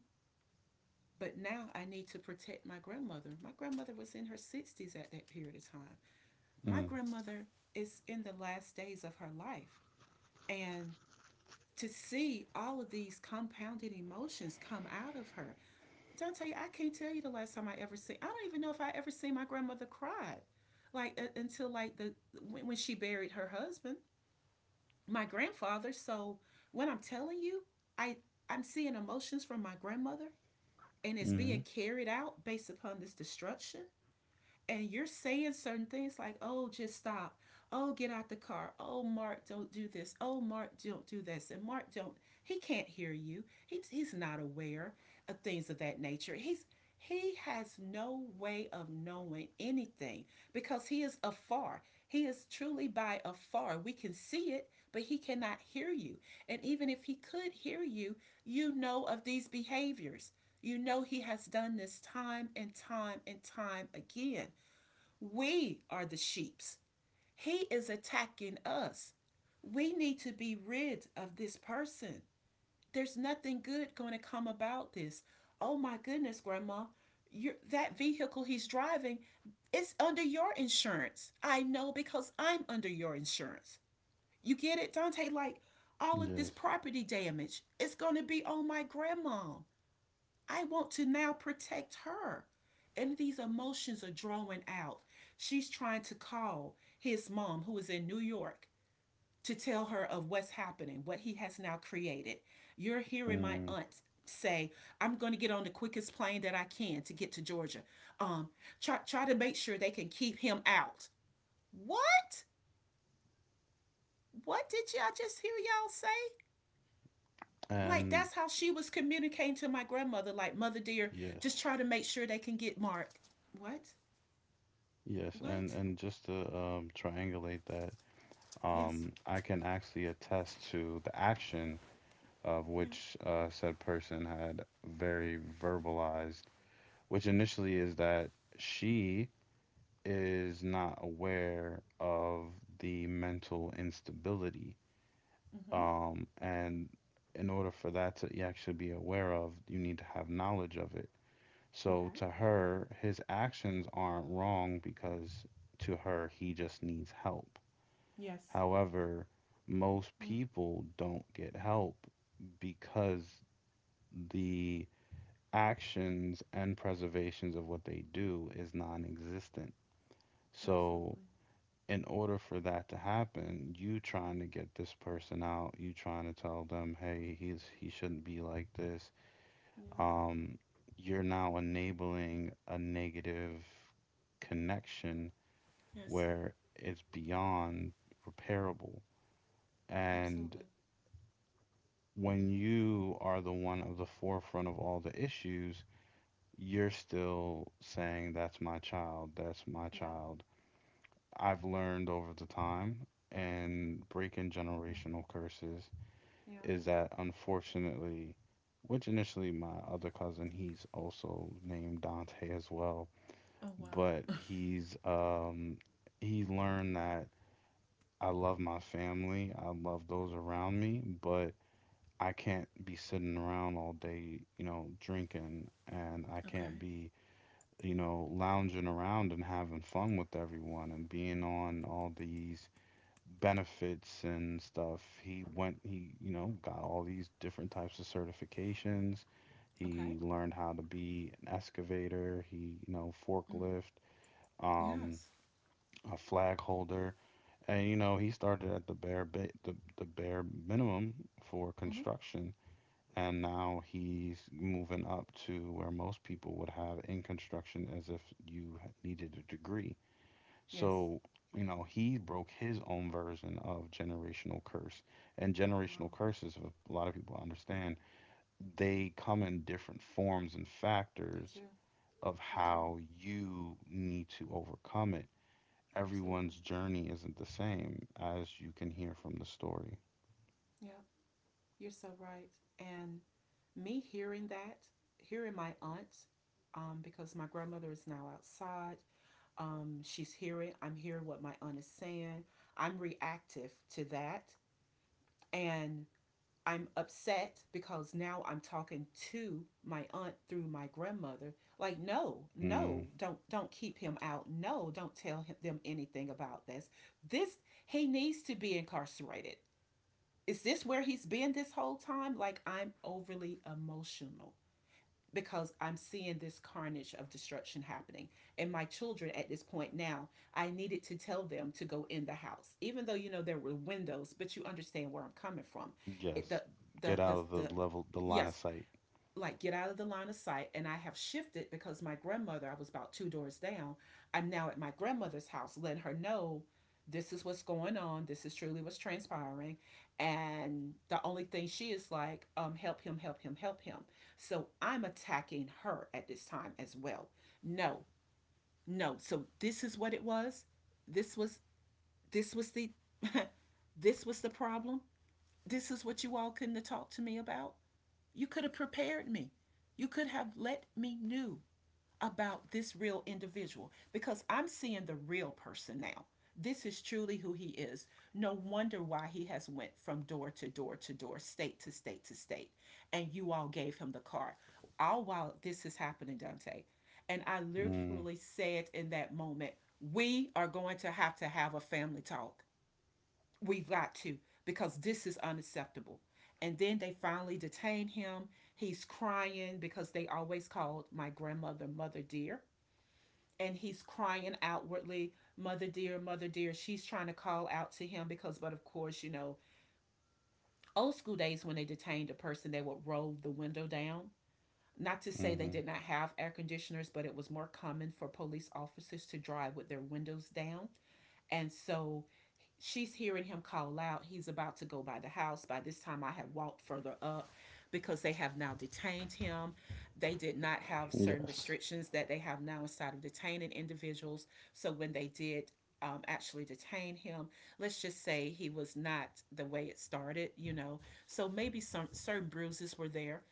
S1: But now I need to protect my grandmother. My grandmother was in her sixties at that period of time. My
S2: mm,
S1: grandmother is in the last days of her life. And to see all of these compounded emotions come out of her. Dante, I can't tell you the last time I ever seen. I don't even know if I ever seen my grandmother cry, like uh, until like the when, when she buried her husband, my grandfather. So when I'm telling you, I I'm seeing emotions from my grandmother, and it's
S2: mm-hmm.
S1: being carried out based upon this destruction. And you're saying certain things like, oh, just stop. Oh, get out the car. Oh, Mark, don't do this. Oh, Mark, don't do this. And Mark, don't. He can't hear you. He, he's not aware of things of that nature. He's he has no way of knowing anything because he is afar. He is truly by afar. We can see it, but he cannot hear you. And even if he could hear you, you know of these behaviors. You know he has done this time and time and time again. We are the sheeps. He is attacking us. We need to be rid of this person. There's nothing good going to come about this. Oh my goodness, Grandma, your that vehicle he's driving, it's under your insurance. I know, because I'm under your insurance. You get it, Dante? Like, all of this
S2: Yes.
S1: property damage, it's going to be on my grandma. I want to now protect her. And these emotions are drawing out. She's trying to call his mom, who is in New York, to tell her of what's happening, what he has now created. You're hearing my
S2: Mm.
S1: aunt say, I'm going to get on the quickest plane that I can to get to Georgia. Um, try, try to make sure they can keep him out. What? What did y'all just hear y'all say? Like,
S2: And
S1: that's how she was communicating to my grandmother, like, mother dear,
S2: yes,
S1: just try to make sure they can get Mark. What?
S2: yes, and
S1: What?
S2: and just to, um, triangulate that,
S1: Yes.
S2: um, I can actually attest to the action of
S1: Yeah.
S2: which, uh, said person had very verbalized, which initially is that she is not aware of the mental instability.
S1: Mm-hmm.
S2: Um, and in order for that to, e, actually be aware of, you need to have knowledge of it. So
S1: Okay.
S2: to her, his actions aren't wrong, because to her, he just needs help.
S1: Yes.
S2: However, most
S1: Mm,
S2: people don't get help because the actions and preservations of what they do is non-existent. So
S1: absolutely.
S2: in order for that to happen, you trying to get this person out, you trying to tell them, hey, he's he shouldn't be like this.
S1: Yeah.
S2: Um, you're now enabling a negative connection
S1: Yes.
S2: where it's beyond repairable. And
S1: Absolutely.
S2: when
S1: Mm.
S2: you are the one of the forefront of all the issues, you're still saying, "That's my child, that's my
S1: Yeah.
S2: child." I've learned, over the time and breaking
S1: Mm.
S2: generational curses,
S1: Yeah.
S2: is that unfortunately, which initially my other cousin, he's also named Dante as well,
S1: Oh wow.
S2: but he's um he learned that, "I love my family, I love those around me, but I can't be sitting around all day, you know, drinking, and I
S1: Okay.
S2: can't be you know, lounging around and having fun with everyone and being on all these benefits and stuff." He went, he, you know, got all these different types of certifications.
S1: Okay.
S2: He learned how to be an excavator, he, you know,
S1: Mm.
S2: forklift, um,
S1: Yes.
S2: a flag holder. And, you know, he started at the bare ba- the, the bare minimum for
S1: Mm-hmm.
S2: construction. And now he's moving up to where most people would have in construction as if you needed a degree.
S1: Yes.
S2: So, you know, he broke his own version of generational curse. And generational
S1: Wow.
S2: curses, if a lot of people understand, they come in different forms and
S1: They
S2: factors
S1: do.
S2: of
S1: They do.
S2: how you need to overcome it.
S1: Absolutely.
S2: Everyone's journey isn't the same, as you can hear from the story.
S1: Yeah. You're so right. And me hearing that, hearing my aunt, um, because my grandmother is now outside, um, she's hearing, I'm hearing what my aunt is saying. I'm reactive to that. And I'm upset because now I'm talking to my aunt through my grandmother. Like, no, no,
S2: Mm,
S1: don't don't keep him out. No, don't tell him, them anything about this. This, he needs to be incarcerated. Is this where he's been this whole time? Like, I'm overly emotional because I'm seeing this carnage of destruction happening. And my children at this point now, I needed to tell them to go in the house, even though, you know, there were windows, but you understand where I'm coming from. It,
S2: yes.
S1: the, the,
S2: Get out
S1: the,
S2: of
S1: the,
S2: the level, the line of
S1: yes,
S2: sight.
S1: like get out of the line of sight. And I have shifted, because my grandmother, I was about two doors down. I'm now at my grandmother's house letting her know this is what's going on, this is truly what's transpiring. And the only thing she is like, um help him, help him, help him. So I'm attacking her at this time as well. No. No, so this is what it was. This was, this was the this was the problem. This is what you all couldn't have talked to me about. You could have prepared me. You could have let me know about this real individual, because I'm seeing the real person now. This is truly who he is. No wonder why he has went from door to door to door, state to state to state, and you all gave him the card. All while this is happening, Dante, and I
S2: Mm,
S1: literally said in that moment, we are going to have to have a family talk. We've got to, because this is unacceptable. And then they finally detain him. He's crying because they always called my grandmother Mother Dear. And he's crying outwardly, Mother Dear, Mother Dear. She's trying to call out to him because, but of course, you know, old school days, when they detained a person, they would roll the window down. Not to say they
S2: hmm.
S1: did not have air conditioners, but it was more common for police officers to drive with their windows down. And so she's hearing him call out. He's about to go by the house. By this time, I had walked further up because they have now detained him. They did not have certain
S2: Yes.
S1: restrictions that they have now inside of detaining individuals. So when they did um, actually detain him, let's just say he was not the way it started, you know. So maybe some certain bruises were there.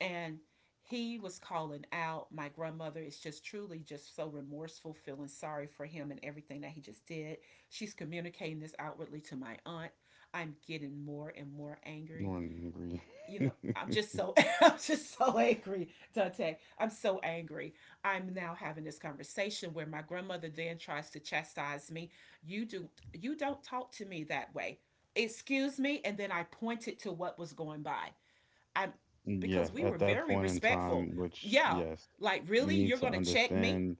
S1: And he was calling out my grandmother. It's just truly just so remorseful, feeling sorry for him and everything that he just did. She's communicating this outwardly to my aunt. I'm getting more and more angry.
S2: Lauren agree.
S1: You know, I'm just so I'm just so angry, Dante, I'm so angry. I'm now having this conversation where my grandmother then tries to chastise me. You do you don't talk to me that way. Excuse me. And then I pointed to what was going by. I, because
S2: Yes,
S1: we
S2: at
S1: were
S2: that
S1: very
S2: point in
S1: respectful.
S2: time, which,
S1: Yeah,
S2: yes,
S1: like
S2: you
S1: really,
S2: need
S1: you're
S2: to
S1: gonna check me?
S2: understand.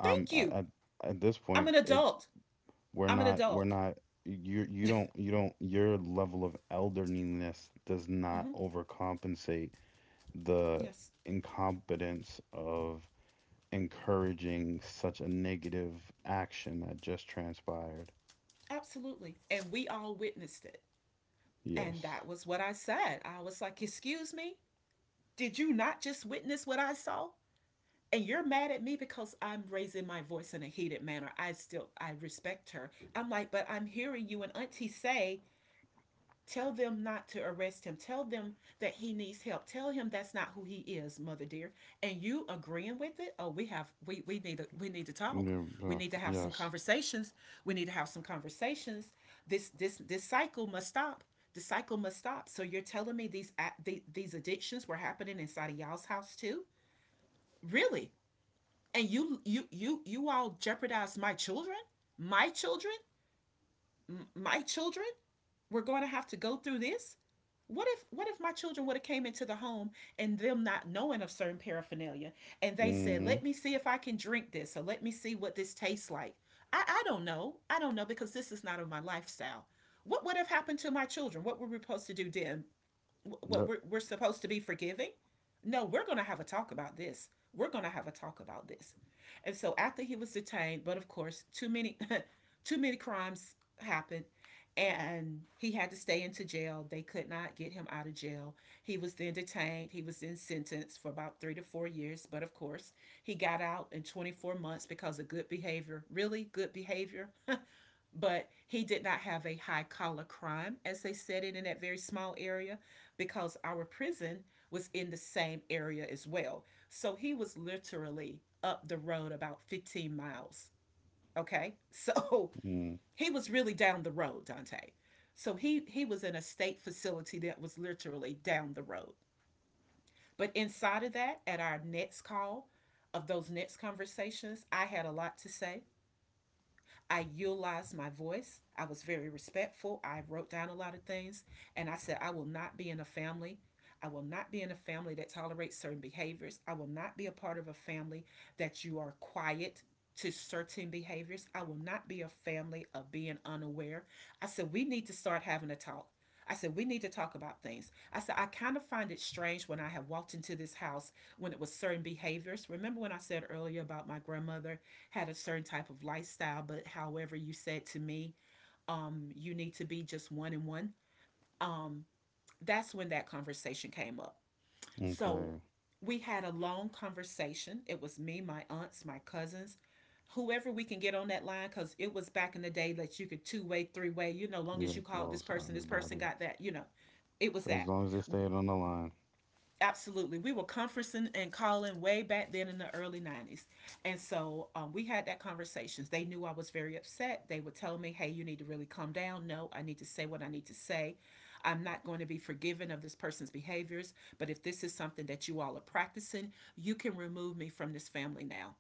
S2: Um,
S1: Thank
S2: a-
S1: you.
S2: at at this
S1: I'm
S2: point,
S1: an
S2: it's
S1: adult.
S2: we're
S1: I'm an
S2: not we're
S1: adult.
S2: not you you don't you don't your level of elderliness does
S1: Mm-hmm.
S2: not overcompensate the
S1: Yes,
S2: incompetence of encouraging such a negative action that just transpired.
S1: absolutely. And we all witnessed it. And
S2: Yes.
S1: that was what I said. I was like, excuse me, did you not just witness what I saw? And you're mad at me because I'm raising my voice in a heated manner. I still, I respect her. I'm like, but I'm hearing you and Auntie say, tell them not to arrest him. Tell them that he needs help. Tell him that's not who he is, mother dear. And you agreeing with it? Oh, we have we we need to, we need to talk.
S2: Yeah,
S1: We
S2: doc.
S1: need to have some
S2: Yes.
S1: conversations. We need to have some conversations. This this this cycle must stop. The cycle must stop. So you're telling me these a- these addictions were happening inside of y'all's house too? Really? And you you you you all jeopardized my children? My children? My children? We're going to have to go through this. What if what if my children would have came into the home and them not knowing of certain paraphernalia, and they said,
S2: Mm-hmm.
S1: let me see if I can drink this, or let me see what this tastes like. I i don't know i don't know, because this is not of my lifestyle. What would have happened to my children? What were we supposed to do then? What,
S2: Yep.
S1: we're, we're supposed to be forgiving? No, we're going to have a talk about this. We're going to have a talk about this. And so after he was detained, but of course, too many too many crimes happened, and he had to stay into jail. They could not get him out of jail. He was then detained, he was then sentenced for about three to four years, but of course, he got out in twenty-four months because of good behavior, really good behavior. But he did not have a high collar crime, as they said it in that very small area, because our prison was in the same area as well. So he was literally up the road about fifteen miles. Okay. So
S2: Mm.
S1: he was really down the road, Dante. So he, he was in a state facility that was literally down the road. But inside of that, at our next call of those next conversations, I had a lot to say. I utilized my voice. I was very respectful. I wrote down a lot of things. And I said, I will not be in a family. I will not be in a family that tolerates certain behaviors. I will not be a part of a family that you are quiet to certain behaviors. I will not be a family of being unaware. I said, we need to start having a talk. I said, we need to talk about things. I said, I kind of find it strange when I have walked into this house when it was certain behaviors. Remember when I said earlier about my grandmother had a certain type of lifestyle, but however you said to me, um, you need to be just one and one. Um, that's when that conversation came up. So
S2: Okay.
S1: we had a long conversation. It was me, my aunts, my cousins, whoever we can get on that line, because it was back in the day that you could two way, three way, you know, long as you
S2: Great
S1: called this
S2: calls,
S1: person, this person
S2: everybody.
S1: got that, you know, it was
S2: So as
S1: that.
S2: long as they stayed on the line,
S1: Absolutely. We were conferencing and calling way back then in the early nineties. And so um, we had that conversations. They knew I was very upset. They would tell me, hey, you need to really calm down. No, I need to say what I need to say. I'm not going to be forgiven of this person's behaviors. But if this is something that you all are practicing, you can remove me from this family now.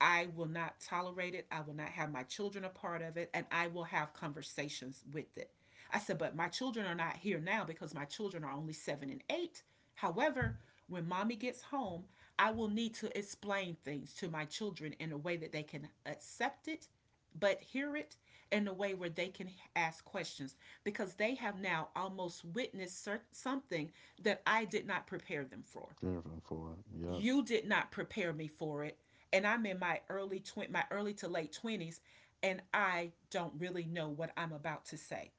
S1: I will not tolerate it. I will not have my children a part of it, and I will have conversations with it. I said, but my children are not here now because my children are only seven and eight. However, when mommy gets home, I will need to explain things to my children in a way that they can accept it, but hear it in a way where they can ask questions because they have now almost witnessed cer- something that I did not prepare them for.
S2: driven forward. Yep.
S1: You did not prepare me for it, and I'm in my early tw- my early to late twenties, and I don't really know what I'm about to say.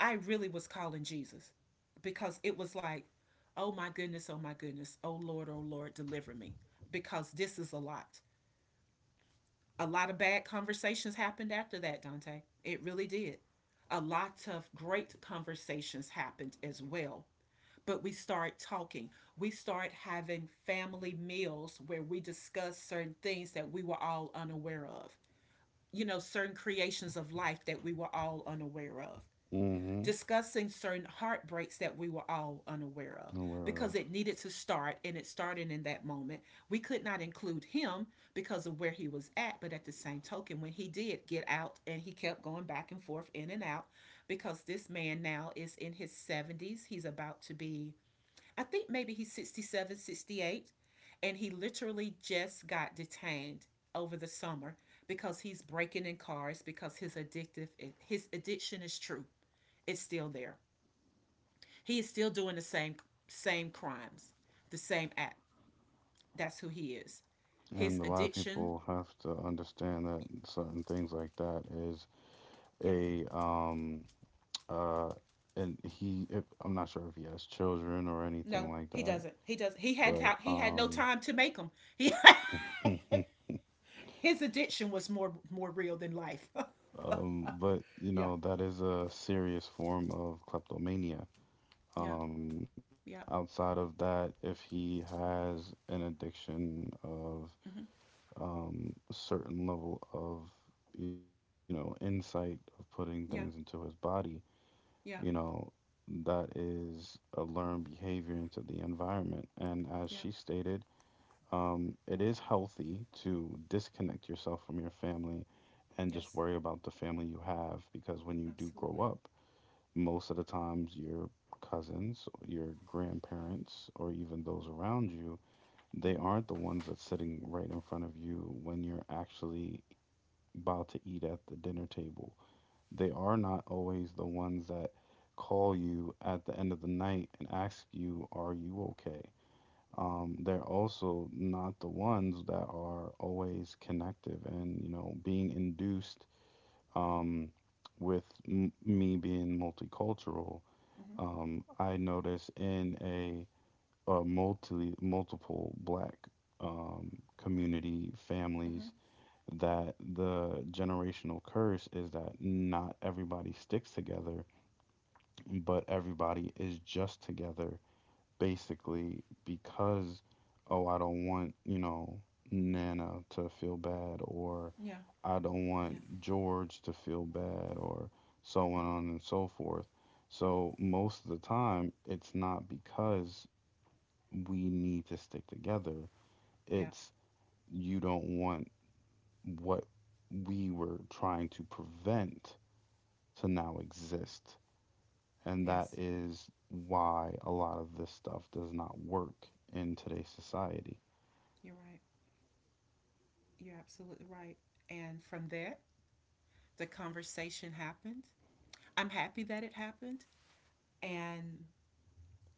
S1: I really was calling Jesus because it was like, oh my goodness, oh my goodness, oh Lord, oh Lord, deliver me, because this is a lot. A lot of bad conversations happened after that, Dante. It really did. A lot of great conversations happened as well, but we start talking. We start having family meals where we discuss certain things that we were all unaware of, you know, certain creations of life that we were all unaware of,
S2: Mm-hmm.
S1: discussing certain heartbreaks that we were all unaware of
S2: Aware
S1: because
S2: of.
S1: it needed to start and it started in that moment. We could not include him because of where he was at, but at the same token, when he did get out and he kept going back and forth in and out because this man now is in his seventies, he's about to be, I think, maybe he's sixty-seven, sixty-eight, and he literally just got detained over the summer because he's breaking in cars because his addictive his addiction is true. It's still there. He is still doing the same same crimes, the same act. That's who he is. His
S2: And a lot of
S1: addiction,
S2: people have to understand that certain things like that, is
S1: yeah.
S2: a um uh and he if, I'm not sure if he has children or anything
S1: No,
S2: like
S1: he
S2: that,
S1: doesn't. He doesn't. He had
S2: but
S1: he had no
S2: um
S1: time to make them. He His addiction was more more real than life.
S2: um but you
S1: Yeah.
S2: know that is a serious form of kleptomania.
S1: Yeah.
S2: Um
S1: Yeah.
S2: outside of that, if he has an addiction of,
S1: Mm-hmm.
S2: um, a certain level of, you know insight of putting things
S1: Yeah.
S2: into his body,
S1: Yeah.
S2: you know that is a learned behavior into the environment, and as
S1: Yeah.
S2: she stated, um, it is healthy to disconnect yourself from your family and
S1: Yes,
S2: just worry about the family you have, because when you do
S1: absolutely.
S2: grow up, most of the times, your cousins, your grandparents, or even those around you, they
S1: Mm-hmm. Mm-hmm.
S2: aren't the ones that's sitting right in front of you when you're actually about to eat at the dinner table. They are not always the ones that call you at the end of the night and ask you, "Are you okay?" Um, they're also not the ones that are always connective and, you know, being induced, um, with m- me being multicultural.
S1: Mm-hmm.
S2: Um, I notice in a, a multi multiple black, um, community
S1: Mm-hmm.
S2: families, that the generational curse is that not everybody sticks together, but everybody is just together basically because, oh, I don't want, you know, Nana to feel bad, or
S1: Yeah,
S2: I don't
S1: yeah,
S2: want George to feel bad, or so on and so forth. So, most of the time, it's not because we need to stick together.
S1: yeah.
S2: It's you don't want what we were trying to prevent to now exist. And that
S1: Yes,
S2: is why a lot of this stuff does not work in today's society.
S1: you're right. You're absolutely right. And from that, the conversation happened. I'm happy that it happened. And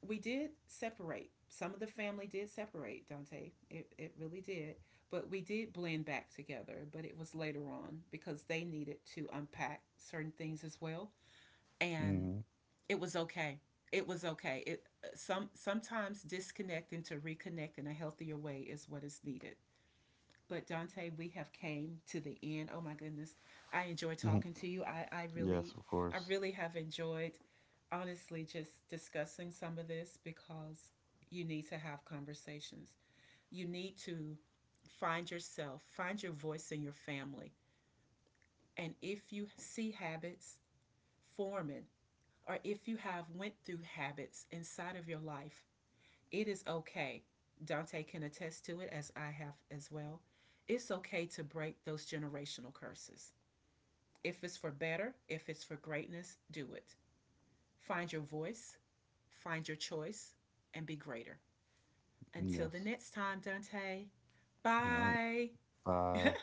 S1: we did separate. Some of the family did separate, Dante. It, it really did. But we did blend back together, but it was later on because they needed to unpack certain things as well. And
S2: Hmm.
S1: it was okay. It was okay. It some sometimes disconnecting to reconnect in a healthier way is what is needed. But Dante, we have came to the end. Oh my goodness, I enjoy talking to you. I I
S2: Yes,
S1: really
S2: of
S1: I
S2: course.
S1: really have enjoyed honestly just discussing some of this because you need to have conversations. You need to find yourself, find your voice in your family. And if you see habits forming or if you have went through habits inside of your life, it is okay. Dante can attest to it as I have as well. It's okay to break those generational curses. If it's for better, if it's for greatness, do it. Find your voice, find your choice, and be greater. Until the
S2: Yes.
S1: next time, Dante,
S2: All right.
S1: bye.
S2: Bye.